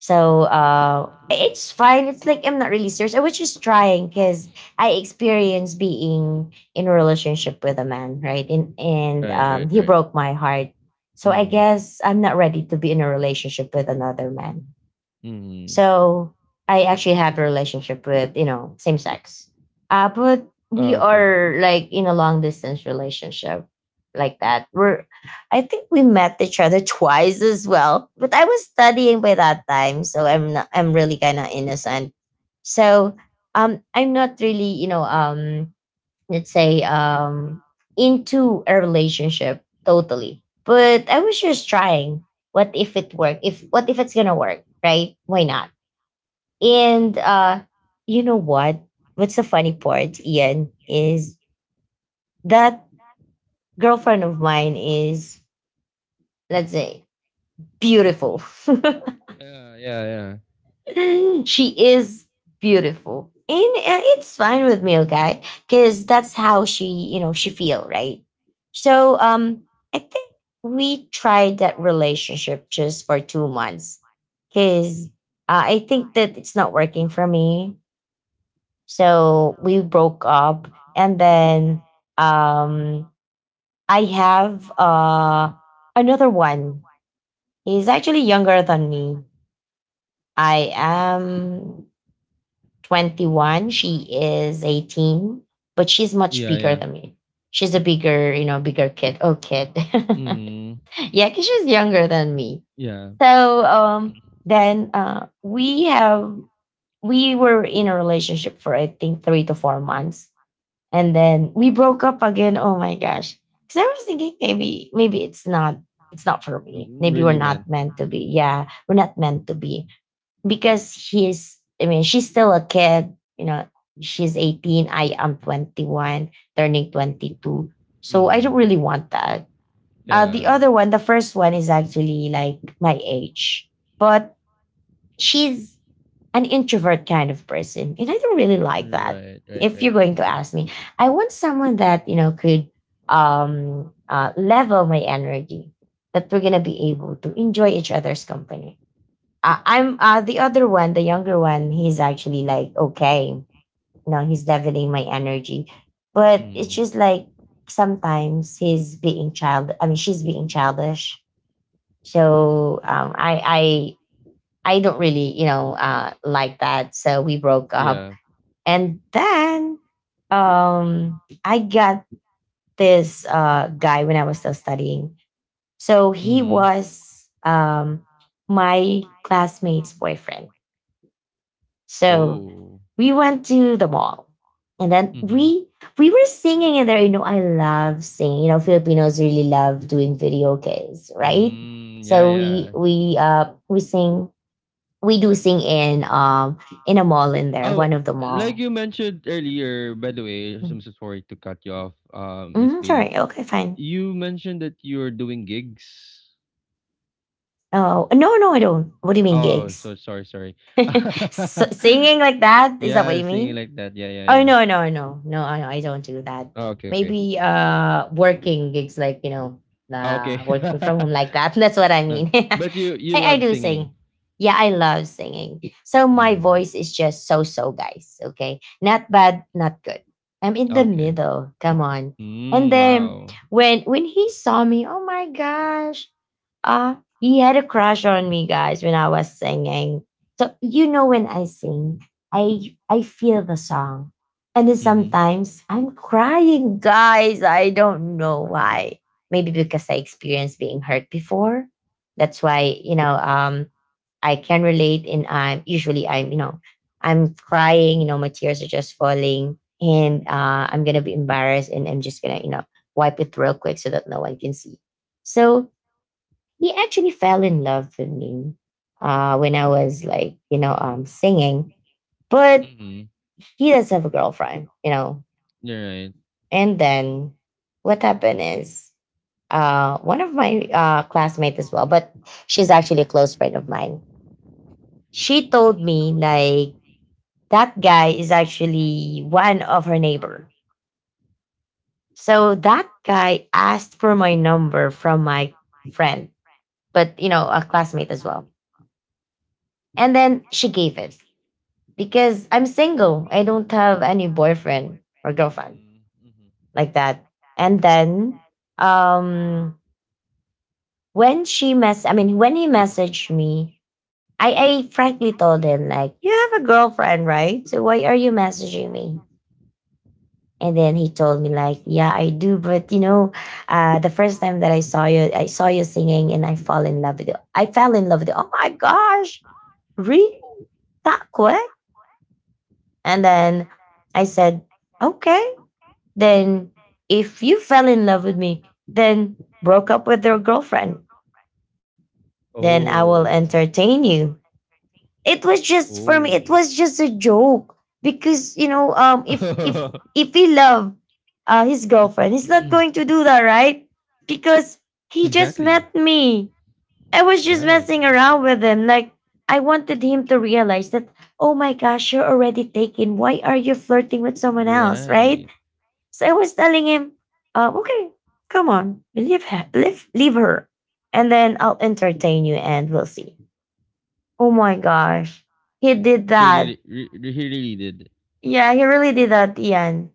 [SPEAKER 1] So uh, it's fine. It's like I'm not really serious. I was just trying because I experienced being in a relationship with a man, right? And and
[SPEAKER 2] Right,
[SPEAKER 1] um,
[SPEAKER 2] right,
[SPEAKER 1] he
[SPEAKER 2] right.
[SPEAKER 1] broke my heart. So I
[SPEAKER 2] Mm.
[SPEAKER 1] guess I'm not ready to be in a relationship with another man.
[SPEAKER 2] Mm.
[SPEAKER 1] So I actually have a relationship with, you know, same sex. Uh, but we
[SPEAKER 2] Ah, okay.
[SPEAKER 1] are like in a long distance relationship like that. We're I think we met each other twice as well. But I was studying by that time, so I'm not I'm really kinda innocent. So um, I'm not really, you know, um, let's say, um, into a relationship totally. But I was just trying. What if it worked? If what if it's gonna work? Right? Why not? And uh, you know what? What's the funny part, Ian, is that girlfriend of mine is, let's say, beautiful.
[SPEAKER 2] Yeah, yeah, yeah.
[SPEAKER 1] She is beautiful. And uh, it's fine with me, okay? Because that's how she, you know, she feel, right? So um, I think we tried that relationship just for two months. Because uh, I think that it's not working for me. So we broke up and then um, I have uh another one. He's actually younger than me. I am twenty-one, she is eighteen, but she's much
[SPEAKER 2] Yeah,
[SPEAKER 1] bigger
[SPEAKER 2] yeah.
[SPEAKER 1] than me. She's a bigger, you know, bigger kid. Oh, kid.
[SPEAKER 2] Mm.
[SPEAKER 1] Yeah, cuz she's younger than me.
[SPEAKER 2] Yeah.
[SPEAKER 1] So um, then uh we have we were in a relationship for, I think, three to four months. And then we broke up again. Oh my gosh. Because I was thinking, maybe maybe it's not it's not for
[SPEAKER 2] Mm,
[SPEAKER 1] me.
[SPEAKER 2] mm,
[SPEAKER 1] Maybe we're
[SPEAKER 2] really
[SPEAKER 1] not
[SPEAKER 2] man.
[SPEAKER 1] meant to be. Yeah, we're not meant to be. Because he's I mean, she's still a kid, you know, she's eighteen, I am twenty-one, turning twenty-two. So I don't
[SPEAKER 2] Mm,
[SPEAKER 1] really want that. Uh, the
[SPEAKER 2] yeah.
[SPEAKER 1] other one, the first one, is actually like my age. But she's an introvert kind of person. And I don't really like that.
[SPEAKER 2] Right, right,
[SPEAKER 1] If you're
[SPEAKER 2] right.
[SPEAKER 1] going to
[SPEAKER 2] Mm,
[SPEAKER 1] ask me, I want someone that, you know, could um, uh, level my energy, that we're going to be able to enjoy each other's company. Uh, I'm uh, The other one, the younger one, he's actually like, okay, you know, he's leveling my energy. But it's
[SPEAKER 2] mm,
[SPEAKER 1] just like sometimes he's being child, I mean, she's being childish. So um, I, I don't really, you know, uh, like that. So we broke up.
[SPEAKER 2] yeah.
[SPEAKER 1] And then um, I got this uh, guy when I was still studying. So he
[SPEAKER 2] Mm,
[SPEAKER 1] was um, my classmate's boyfriend. So
[SPEAKER 2] oh.
[SPEAKER 1] we went to the mall. And then
[SPEAKER 2] Mm-hmm.
[SPEAKER 1] we we were singing in there. You know, I love singing. You know, Filipinos really love doing video games, right?
[SPEAKER 2] Mm, yeah,
[SPEAKER 1] So we
[SPEAKER 2] yeah.
[SPEAKER 1] we uh we sing we do sing in um in a mall in there,
[SPEAKER 2] Oh,
[SPEAKER 1] one of the
[SPEAKER 2] like
[SPEAKER 1] mall.
[SPEAKER 2] you mentioned earlier, by the way, I'm so sorry to cut you off, uh, Miss
[SPEAKER 1] Mm-hmm,
[SPEAKER 2] Bailey.
[SPEAKER 1] sorry. Okay, fine.
[SPEAKER 2] You mentioned that you're doing gigs.
[SPEAKER 1] Oh no, no, I don't. What do you mean,
[SPEAKER 2] Oh,
[SPEAKER 1] gigs?
[SPEAKER 2] so sorry, sorry.
[SPEAKER 1] S singing like that? Is that what
[SPEAKER 2] Yeah,
[SPEAKER 1] you
[SPEAKER 2] singing
[SPEAKER 1] mean?
[SPEAKER 2] like that. Yeah, yeah,
[SPEAKER 1] Oh
[SPEAKER 2] yeah.
[SPEAKER 1] no, no, no, no, I, I don't do that.
[SPEAKER 2] Oh, okay, okay.
[SPEAKER 1] Maybe uh, working gigs like, you know,
[SPEAKER 2] Oh, okay.
[SPEAKER 1] uh, working from home like that. That's what I
[SPEAKER 2] Okay.
[SPEAKER 1] mean.
[SPEAKER 2] But you you
[SPEAKER 1] I, I
[SPEAKER 2] love
[SPEAKER 1] do
[SPEAKER 2] singing.
[SPEAKER 1] sing. Yeah, I love singing. So my
[SPEAKER 2] Mhm.
[SPEAKER 1] voice is just so so, guys. Okay. Not bad, not good. I'm in the
[SPEAKER 2] Okay.
[SPEAKER 1] middle. Come on. And
[SPEAKER 2] Mm,
[SPEAKER 1] then
[SPEAKER 2] wow.
[SPEAKER 1] when when he saw me, oh my gosh, uh, he had a crush on me, guys, when I was singing. So you know, when I sing, I I feel the song. And then
[SPEAKER 2] Mhm.
[SPEAKER 1] sometimes I'm crying, guys. I don't know why. Maybe because I experienced being hurt before. That's why, you know, um, I can relate and I'm usually I'm, you know, I'm crying, you know, my tears are just falling and uh, I'm gonna be embarrassed and I'm just gonna, you know, wipe it real quick so that no one can see. So he actually fell in love with me uh, when I was like, you know, um, singing, but
[SPEAKER 2] Mhm.
[SPEAKER 1] he does have a girlfriend, you know.
[SPEAKER 2] You're right.
[SPEAKER 1] And then what happened is uh, one of my uh, classmates as well, but she's actually a close friend of mine. She told me like that guy is actually one of her neighbor. So that guy asked for my number from my friend, but you know, a classmate as well. And then she gave it because I'm single. I don't have any boyfriend or girlfriend
[SPEAKER 2] Mhm. Mhm.
[SPEAKER 1] like that. And then um, when she mess I mean, when he messaged me, I, I frankly told him like, you have a girlfriend, right? So why are you messaging me? And then he told me like,
[SPEAKER 2] Mhm.
[SPEAKER 1] yeah, I do, but you know, uh, the first time that I saw you, I saw you singing and I fall in love with you. I fell in love with you. Oh my gosh, really? That quick? And then I said, okay. Then, if you fell in love with me, then broke up with your girlfriend, then I will
[SPEAKER 2] Oh.
[SPEAKER 1] entertain you. It was just
[SPEAKER 2] Oh.
[SPEAKER 1] for me. It was just a joke because you know, um, if if if he love uh, his girlfriend, he's not going to do that, right? Because he just
[SPEAKER 2] Exactly.
[SPEAKER 1] met me. I was just
[SPEAKER 2] Right.
[SPEAKER 1] messing around with him. Like, I wanted him to realize that, oh my gosh, you're already taken. Why are you flirting with someone else,
[SPEAKER 2] Right.
[SPEAKER 1] right? So I was telling him, uh, okay, come on, leave, her, leave, leave her, and then I'll entertain you and we'll see. Oh my gosh, he did
[SPEAKER 2] She
[SPEAKER 1] that.
[SPEAKER 2] really, re- re- he really did.
[SPEAKER 1] Yeah, he really did that, Ian.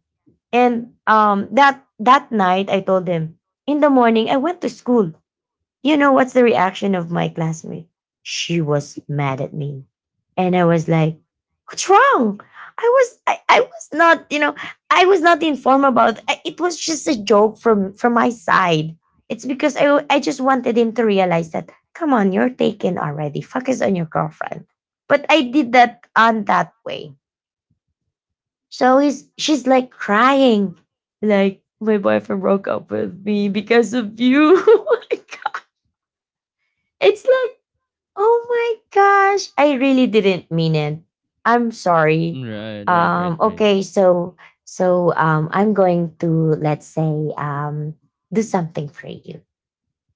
[SPEAKER 1] And um, that that night, I told him, in the morning I went to school, you know what's the reaction of my classmate? She was mad at me. And I was like, what's wrong? I was I, I was not, you know, I was not informed about I- it was just a joke from from my side. It's because I, I just wanted him to realize that, come on, you're taken already. Focus on your girlfriend. But I did that on that way. So he's she's like crying. Like, my boyfriend broke up with me because of you. It's like, oh my gosh, I really didn't mean it. I'm
[SPEAKER 2] Mm,
[SPEAKER 1] sorry.
[SPEAKER 2] right, right, right,
[SPEAKER 1] Um,
[SPEAKER 2] right.
[SPEAKER 1] okay, so so um, I'm going to, let's say, um, do something for you.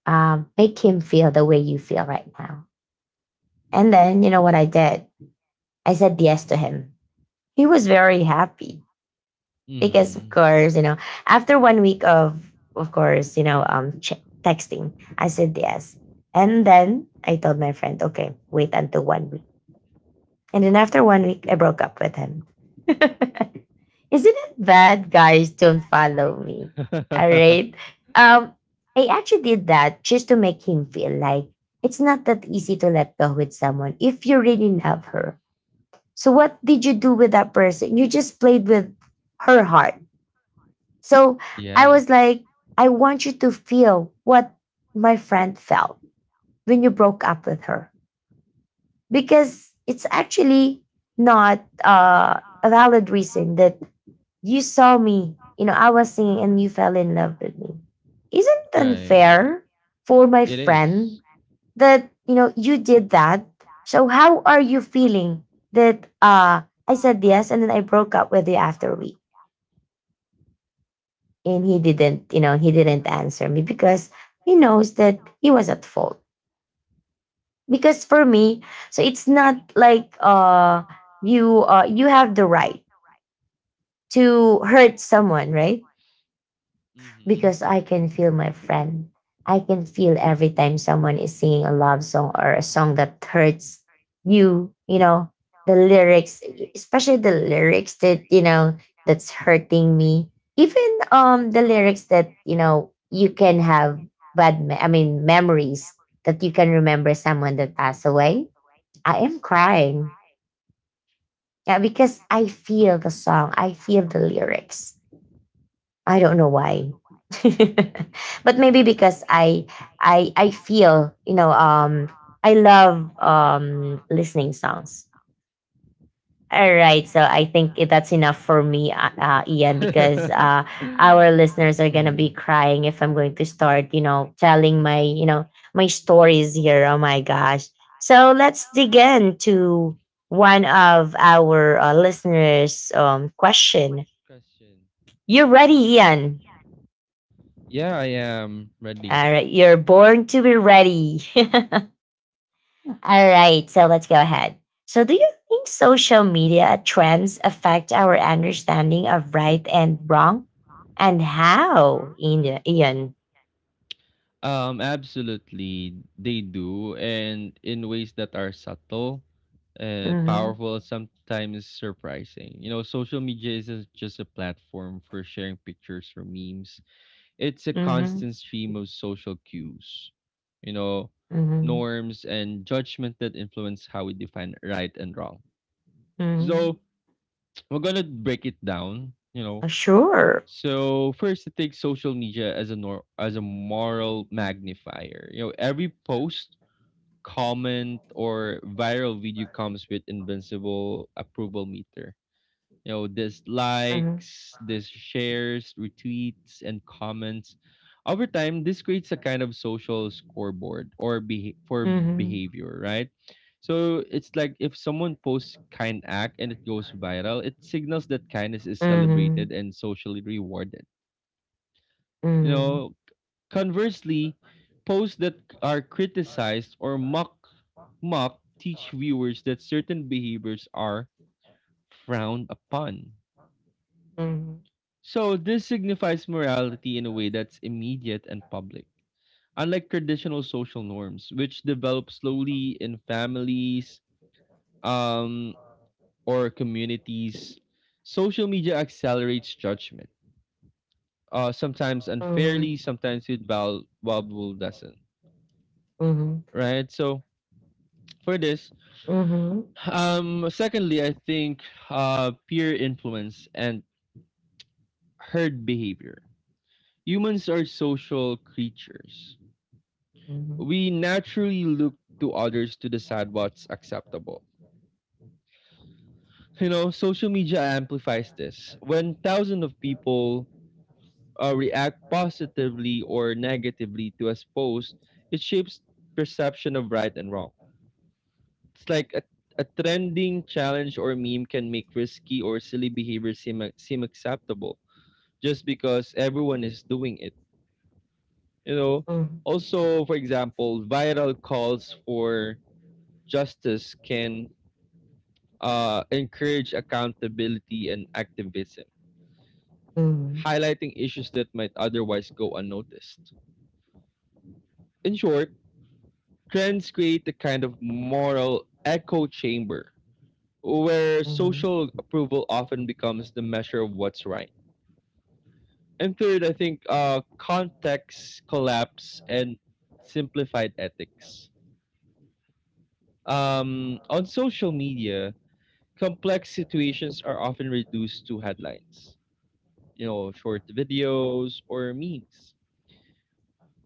[SPEAKER 1] Um, make him feel the way you feel right now. And then, you know what I did? I said yes to him. He was very happy because of
[SPEAKER 2] Mhm.
[SPEAKER 1] course, you know, after one week of of course, you know, um, ch- texting, I said yes. And then I told my friend, okay, wait until one week. And then after one week, I broke up with him. Isn't it bad guys don't follow me? All right. Um, I actually did that just to make him feel like it's not that easy to let go with someone if you really love her. So what did you do with that person? You just played with her heart. So I was
[SPEAKER 2] Yes.
[SPEAKER 1] like, I want you to feel what my friend felt when you broke up with her because it's actually not uh, a valid reason that you saw me, you know, I was singing and you fell in love with me. Isn't it
[SPEAKER 2] Right.
[SPEAKER 1] unfair for my
[SPEAKER 2] It
[SPEAKER 1] friend
[SPEAKER 2] is.
[SPEAKER 1] that, you know, you did that? So how are you feeling that uh, I said yes and then I broke up with you after a week? And he didn't, you know, he didn't answer me because he knows that he was at fault, because for me, so it's not like uh you uh you have the right to hurt someone, right?
[SPEAKER 2] Mhm.
[SPEAKER 1] Because I can feel my friend. I can feel every time someone is singing a love song or a song that hurts you, you know, the lyrics, especially the lyrics that you know that's hurting me, even um the lyrics that you know you can have bad me- I mean memories that you can remember someone that passed away. I am crying. Yeah, because I feel the song, I feel the lyrics. I don't know why.
[SPEAKER 2] Mhm.
[SPEAKER 1] But maybe
[SPEAKER 2] Mhm.
[SPEAKER 1] because I I I feel, you know, um I love um listening songs. All right, so I think it- that's enough for me, uh, uh, Ian, because uh, our listeners are gonna be crying if I'm going to start, you know, telling my, you know, my stories here. Oh my gosh! So let's dig into one of our uh, listeners' um, question.
[SPEAKER 2] Question.
[SPEAKER 1] You're ready, Ian.
[SPEAKER 2] Yeah, I am ready.
[SPEAKER 1] All right, you're born to be ready. All right, so let's go ahead. So, do you think social media trends affect our understanding of right and wrong? And how, Ian? Ian?
[SPEAKER 2] Um, absolutely, they do, and in ways that are subtle, uh,
[SPEAKER 1] Mm-hmm,
[SPEAKER 2] powerful, sometimes surprising. You know, social media isn't just a platform for sharing pictures or memes. It's a
[SPEAKER 1] mm-hmm,
[SPEAKER 2] constant stream of social cues, you know,
[SPEAKER 1] mm-hmm,
[SPEAKER 2] norms and judgment that influence how we define right and wrong.
[SPEAKER 1] mm-hmm.
[SPEAKER 2] So we're gonna break it down. You know,
[SPEAKER 1] Uh, Sure.
[SPEAKER 2] so first, I take social media as a nor- as a moral magnifier. You know, every post, comment, or viral video comes with invincible approval meter. You know,
[SPEAKER 1] Mm-hmm,
[SPEAKER 2] dislikes, this shares, retweets, and comments. Over time, this creates a kind of social scoreboard or beha- for
[SPEAKER 1] mm-hmm,
[SPEAKER 2] behavior, right? So it's like if someone posts kind act and it goes viral, it signals that kindness is
[SPEAKER 1] mm-hmm,
[SPEAKER 2] celebrated and socially rewarded. You know, conversely, posts that are criticized or mock mock teach viewers that certain behaviors are frowned upon.
[SPEAKER 1] mm-hmm,
[SPEAKER 2] So this signifies morality in a way that's immediate and public. Unlike traditional social norms, which develop slowly in families um, or communities, social media accelerates judgment. Uh, sometimes
[SPEAKER 1] mm-hmm,
[SPEAKER 2] unfairly, sometimes with val- valuable lesson.
[SPEAKER 1] mm-hmm, mm-hmm, mm-hmm, mm-hmm, mm-hmm,
[SPEAKER 2] Right? So for this, Um, secondly, I think uh, peer influence and herd behavior. Humans are social creatures. We naturally look to others to decide what's acceptable. You know, social media amplifies this. When thousands of people uh, react positively or negatively to a post, it shapes perception of right and wrong. It's like a, a trending challenge or meme can make risky or silly behavior seem, seem acceptable just because everyone is doing it. You know, also for example, viral calls for justice can uh, encourage accountability and activism, highlighting issues that might otherwise go unnoticed. In short, trends create a kind of moral echo chamber where social approval often becomes the measure of what's right. And third, I think uh, context collapse and simplified ethics. Um, on social media, complex situations are often reduced to headlines, you know, short videos or memes.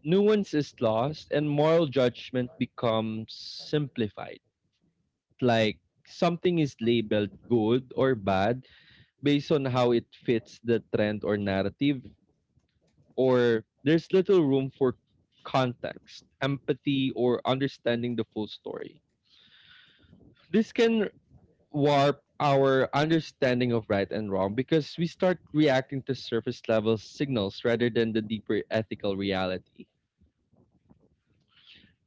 [SPEAKER 2] Nuance is lost and moral judgment becomes simplified. Like something is labeled good or bad based on how it fits the trend or narrative, or there's little room for context, empathy, or understanding the full story. This can warp our understanding of right and wrong because we start reacting to surface level signals rather than the deeper ethical reality.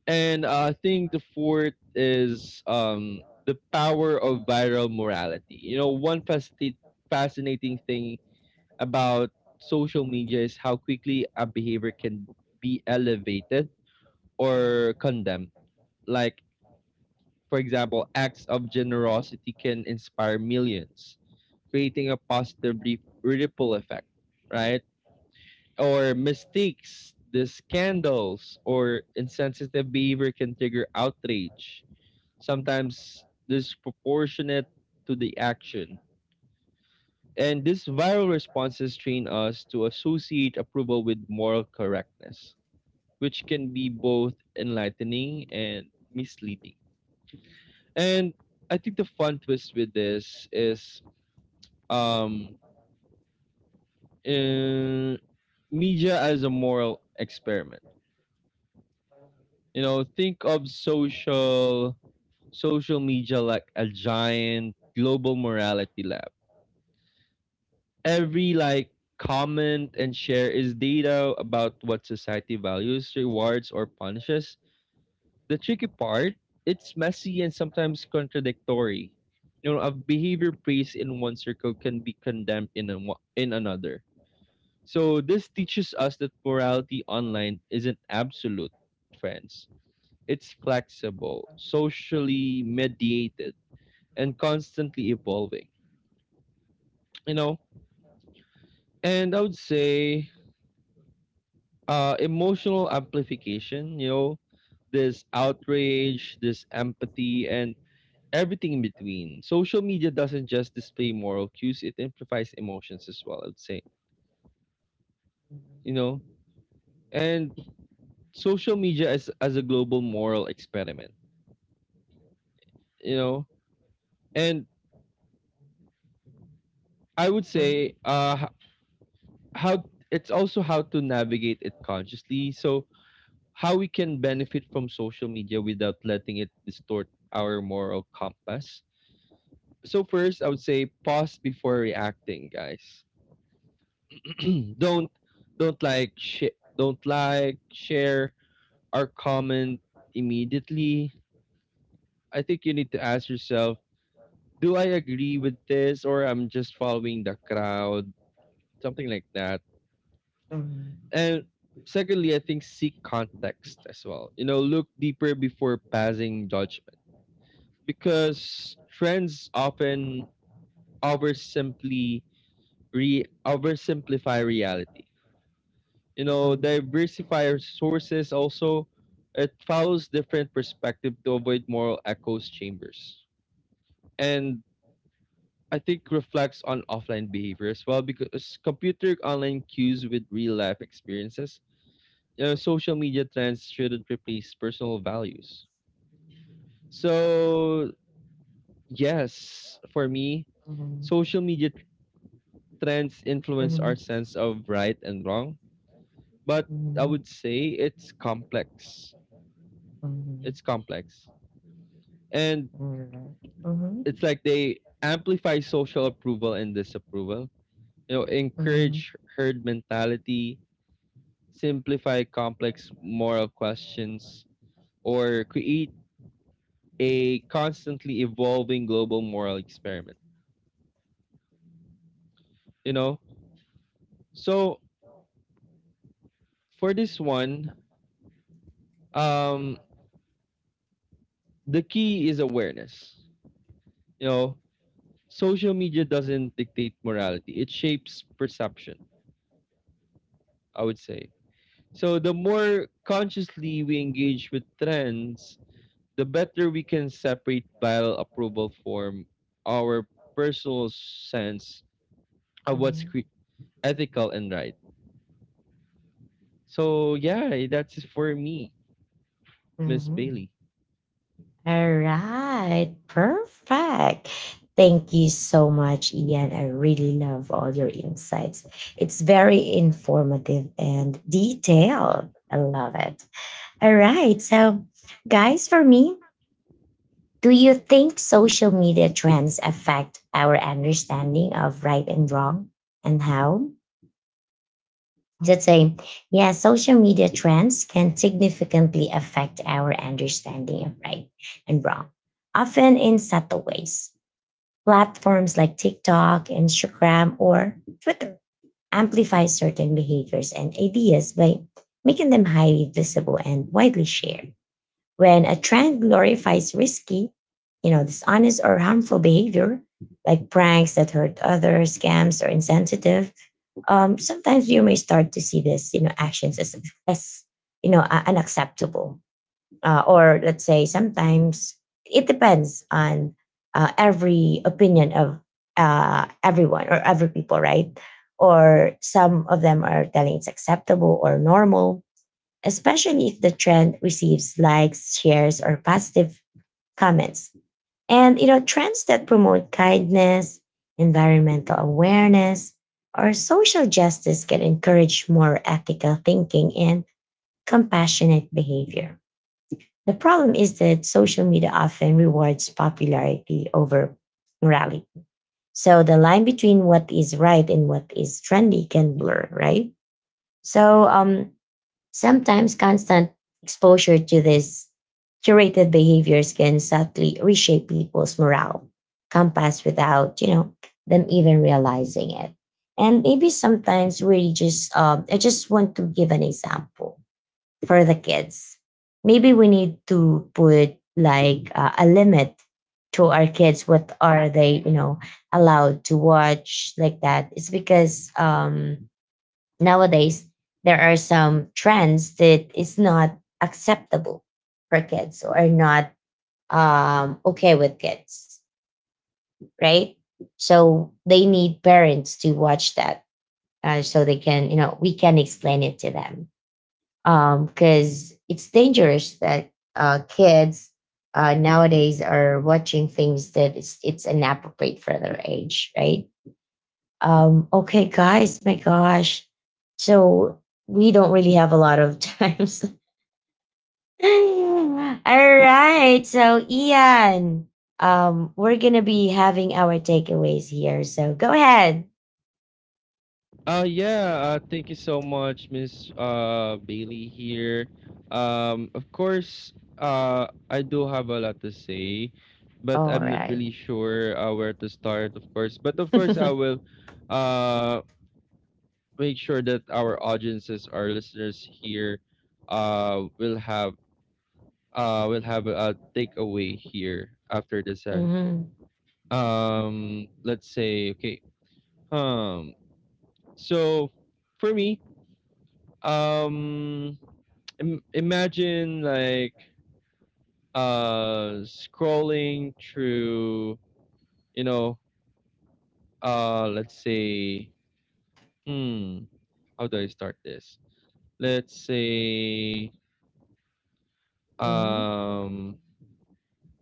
[SPEAKER 2] And uh, I think the fourth is um, the power of viral morality. You know, one fascinate- fascinating thing about social media is how quickly a behavior can be elevated or condemned. Like, for example, acts of generosity can inspire millions creating a positive re- ripple effect, right? Or mistakes, the scandals, or insensitive behavior can trigger outrage, sometimes disproportionate to the action. And these viral responses train us to associate approval with moral correctness, which can be both enlightening and misleading. And I think the fun twist with this is um uh, media as a moral experiment. You know, think of social social media like a giant global morality lab. Every like, comment, and share is data about what society values, rewards, or punishes. The tricky part, it's messy and sometimes contradictory. You know, a behavior praised in one circle can be condemned in a, in another. So this teaches us that morality online isn't absolute, friends. It's flexible, socially mediated, and constantly evolving. You know, and I would say uh, emotional amplification. You know, this outrage, this empathy, and everything in between. Social media doesn't just display moral cues; it amplifies emotions as well, I would say. You know, and social media as as a global moral experiment. You know. And I would say uh h- how it's also how to navigate it consciously. So how we can benefit from social media without letting it distort our moral compass. So first, I would say pause before reacting, guys. don't don't like sh- don't like share or comment immediately. I think you need to ask yourself, do I agree with this or I'm just following the crowd? Something like that. And secondly, I think seek context as well. You know, look deeper before passing judgment, because trends often oversimply re oversimplify reality. You know,
[SPEAKER 1] mm-hmm,
[SPEAKER 2] diversify your sources also. It follows different perspective to avoid moral echoes chambers. And I think reflects on offline behavior as well, because compute online cues with real life experiences uh, Social media trends shouldn't replace personal values. So, yes, for me,
[SPEAKER 1] mm-hmm,
[SPEAKER 2] social media t- trends influence our
[SPEAKER 1] mm-hmm,
[SPEAKER 2] sense of right and wrong, but I
[SPEAKER 1] mm-hmm,
[SPEAKER 2] would say it's complex. It's
[SPEAKER 1] mm-hmm.
[SPEAKER 2] complex. And
[SPEAKER 1] Mhm,
[SPEAKER 2] it's
[SPEAKER 1] mhm,
[SPEAKER 2] like they amplify social approval and disapproval, you know,
[SPEAKER 1] mhm,
[SPEAKER 2] encourage herd mentality, simplify complex moral questions, or create a constantly evolving global moral experiment, you know? So for this one, um, the key is awareness. You know, social media doesn't dictate morality, it shapes perception, I would say. So the more consciously we engage with trends, the better we can separate viral approval from our personal sense of what's
[SPEAKER 1] mhm,
[SPEAKER 2] cre- ethical and right. So yeah, that's it for me, Miss
[SPEAKER 1] mhm.
[SPEAKER 2] Bailey.
[SPEAKER 1] All right, perfect. Thank you so much, Ian. I really love all your insights. It's very informative and detailed. I love it. All right, so guys, for me, do you think social media trends affect our understanding of right and wrong, and how? Just say, yeah, social media trends can significantly affect our understanding of right and wrong, often in subtle ways. Platforms like TikTok, Instagram, or Twitter amplify certain behaviors and ideas by making them highly visible and widely shared. When a trend glorifies risky, you know, dishonest or harmful behavior, like pranks that hurt others, scams, or insensitive, um, sometimes you may start to see this, you know, actions as as you know, uh, unacceptable, uh, or let's say sometimes it depends on uh, every opinion of uh, everyone or every people, right? Or some of them are telling it's acceptable or normal, especially if the trend receives likes, shares, or positive comments. And you know, trends that promote kindness, environmental awareness, or social justice can encourage more ethical thinking and compassionate behavior. The problem is that social media often rewards popularity over morality. So the line between what is right and what is trendy can blur, right? So um, sometimes constant exposure to these curated behaviors can subtly reshape people's morale compass without, you know, them even realizing it. And maybe sometimes we just, um, I just want to give an example for the kids. Maybe we need to put like uh, a limit to our kids. What are they, you know, allowed to watch like that? It's because um, nowadays there are some trends that is not acceptable for kids or not um, okay with kids, right? So they need parents to watch that, uh, so they can, you know, we can explain it to them because it's dangerous that uh, kids uh, nowadays are watching things that it's, it's inappropriate for their age, right? Um, okay, guys, my gosh. So we don't really have a lot of times. All right. So, Ian, um, we're going to be having our takeaways here. So go ahead.
[SPEAKER 2] Uh, yeah, uh, thank you so much, Miss uh, Bailey here. Um, of course, uh, I do have a lot to say, but
[SPEAKER 1] All
[SPEAKER 2] I'm not
[SPEAKER 1] right.
[SPEAKER 2] really sure uh, where to start, of course. But of course, I will uh, make sure that our audiences, our listeners here, uh, will have uh, will have a takeaway here after this session.
[SPEAKER 1] Mhm,
[SPEAKER 2] Um, let's say, okay, um, so for me, um Im- imagine like uh scrolling through, you know, uh let's say, hmm how do I start this? Let's say,
[SPEAKER 1] mhm.
[SPEAKER 2] um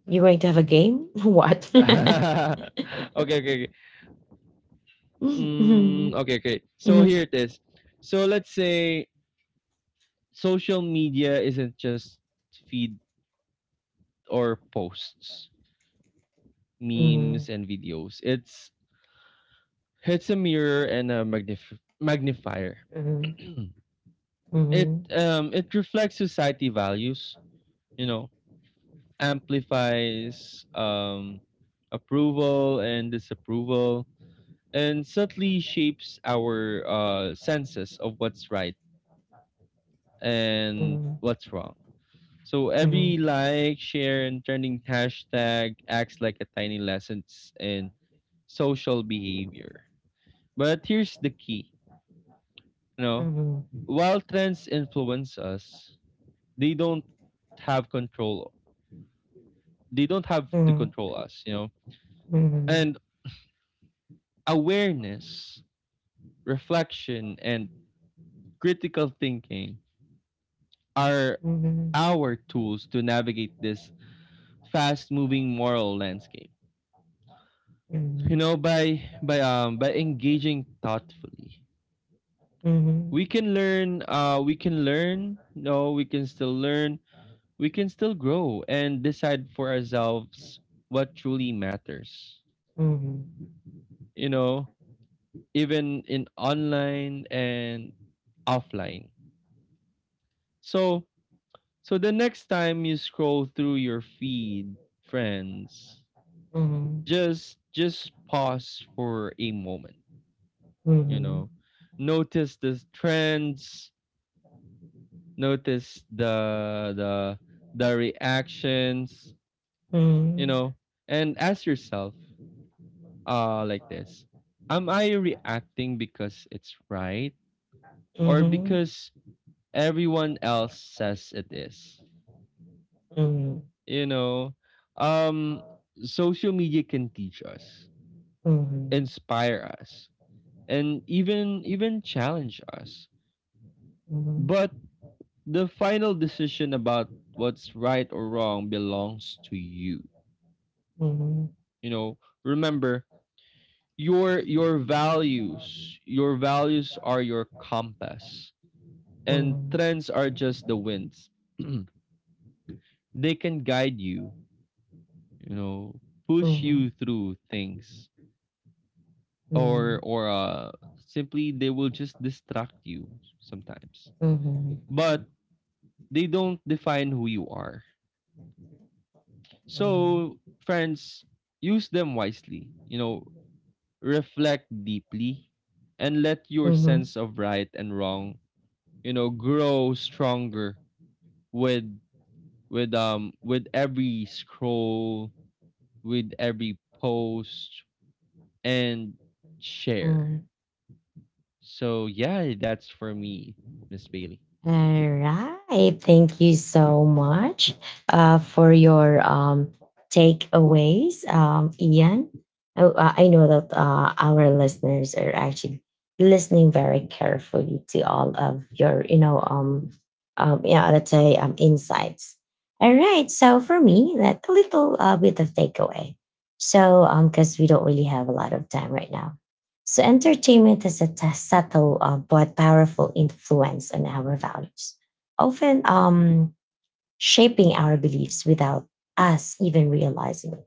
[SPEAKER 1] You're going to have a game? What?
[SPEAKER 2] okay, okay okay mm,
[SPEAKER 1] Mhm,
[SPEAKER 2] okay okay so
[SPEAKER 1] mhm,
[SPEAKER 2] here it is. So let's say social media isn't just feed or posts,
[SPEAKER 1] mhm,
[SPEAKER 2] memes, and videos. it's it's a mirror and a magnif- magnifier.
[SPEAKER 1] mhm,
[SPEAKER 2] it
[SPEAKER 1] mhm,
[SPEAKER 2] um it reflects society values, you know, amplifies um approval and disapproval, and subtly shapes our uh senses of what's right and
[SPEAKER 1] mhm,
[SPEAKER 2] what's wrong. So
[SPEAKER 1] mhm,
[SPEAKER 2] every
[SPEAKER 1] mhm,
[SPEAKER 2] like, share, and trending hashtag acts like a tiny lessons in social behavior. But here's the key, you know, while trends influence us, they don't have control they don't have to
[SPEAKER 1] mhm,
[SPEAKER 2] control us, you know.
[SPEAKER 1] mhm,
[SPEAKER 2] And awareness, reflection, and critical thinking are
[SPEAKER 1] mhm,
[SPEAKER 2] our tools to navigate this fast-moving moral landscape. You
[SPEAKER 1] mhm,
[SPEAKER 2] know, by by um by engaging thoughtfully,
[SPEAKER 1] mhm.
[SPEAKER 2] we can learn. Uh, we can learn. No, we can still learn. We can still grow and decide for ourselves what truly matters.
[SPEAKER 1] Mhm.
[SPEAKER 2] You know, even in online and offline. So, so the next time you scroll through your feed, friends,
[SPEAKER 1] Mhm.
[SPEAKER 2] just just pause for a moment, you know.
[SPEAKER 1] Mhm.
[SPEAKER 2] Notice the trends, notice the the the reactions, you
[SPEAKER 1] Mhm.
[SPEAKER 2] know, and ask yourself uh like this. Am I reacting because it's right, or
[SPEAKER 1] Mhm.
[SPEAKER 2] because everyone else says it is?
[SPEAKER 1] Mhm.
[SPEAKER 2] You know, um, social media can teach us,
[SPEAKER 1] Mhm.
[SPEAKER 2] inspire us, and even even challenge us.
[SPEAKER 1] Mhm.
[SPEAKER 2] But the final decision about what's right or wrong belongs to you.
[SPEAKER 1] Mhm.
[SPEAKER 2] You know, remember your your values. Your values are your compass, and
[SPEAKER 1] Mhm.
[SPEAKER 2] trends are just the winds. They can guide you. You know, push
[SPEAKER 1] Mhm.
[SPEAKER 2] you through things, or
[SPEAKER 1] Mhm.
[SPEAKER 2] or uh simply they will just distract you sometimes,
[SPEAKER 1] Mhm.
[SPEAKER 2] but they don't define who you are.
[SPEAKER 1] Mhm.
[SPEAKER 2] So, friends, use them wisely, you know, reflect deeply, and let your
[SPEAKER 1] Mhm.
[SPEAKER 2] sense of right and wrong, you know, grow stronger with with um with every scroll, with every post, and share.
[SPEAKER 1] Mhm.
[SPEAKER 2] So yeah, that's for me, Miss Bailey.
[SPEAKER 1] All right. Thank you so much uh, for your um, takeaways, um, Ian. Oh, uh, I know that uh, our listeners are actually listening very carefully to all of your, you know, um, um, yeah, let's say um, insights. All right. So for me, that a little uh, bit of takeaway. So, um, because we don't really have a lot of time right now. So entertainment has a t- subtle uh, but powerful influence on our values, often um, shaping our beliefs without us even realizing it.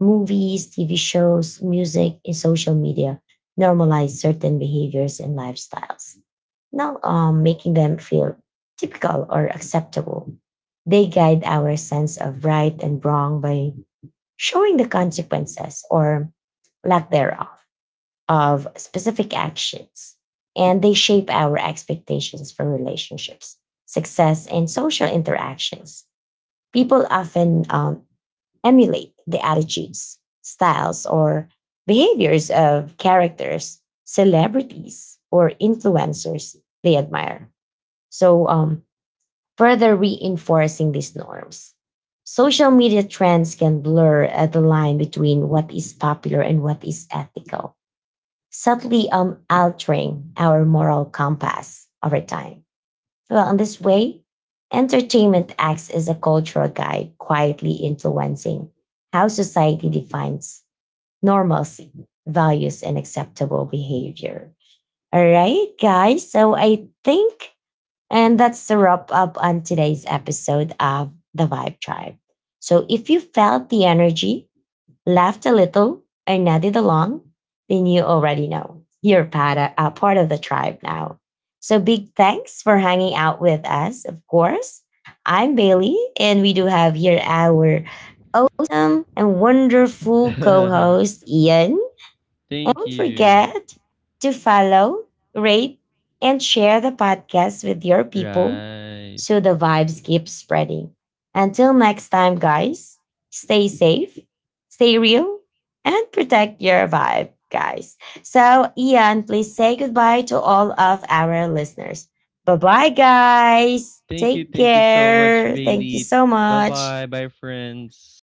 [SPEAKER 1] Movies, T V shows, music, and social media normalize certain behaviors and lifestyles, not um, making them feel typical or acceptable. They guide our sense of right and wrong by showing the consequences, or lack thereof, of specific actions, and they shape our expectations for relationships, success, and social interactions. People often um, emulate the attitudes, styles, or behaviors of characters, celebrities, or influencers they admire. So, um, further reinforcing these norms. Social media trends can blur uh, the line between what is popular and what is ethical, subtly um, altering our moral compass over time. Well, in this way, entertainment acts as a cultural guide, quietly influencing how society defines normalcy, values, and acceptable behavior. All right, guys. So I think, and that's the wrap up on today's episode of The Vibe Tribe. So if you felt the energy, laughed a little, and nodded along, then you already know. You're part of, uh, part of the tribe now. So big thanks for hanging out with us, of course. I'm Bailey, and we do have here our awesome and wonderful co host, Ian.
[SPEAKER 2] Thank
[SPEAKER 1] Don't
[SPEAKER 2] you.
[SPEAKER 1] forget to follow, rate, and share the podcast with your people
[SPEAKER 2] Right.
[SPEAKER 1] so the vibes keep spreading. Until next time, guys, stay safe, stay real, and protect your vibe, guys. So, Ian, please say goodbye to all of our listeners. Bye bye, guys.
[SPEAKER 2] Thank you.
[SPEAKER 1] Take
[SPEAKER 2] Thank you so much,
[SPEAKER 1] care. Thank you
[SPEAKER 2] Bailey.
[SPEAKER 1] so
[SPEAKER 2] Bye
[SPEAKER 1] much.
[SPEAKER 2] bye. Bye, friends.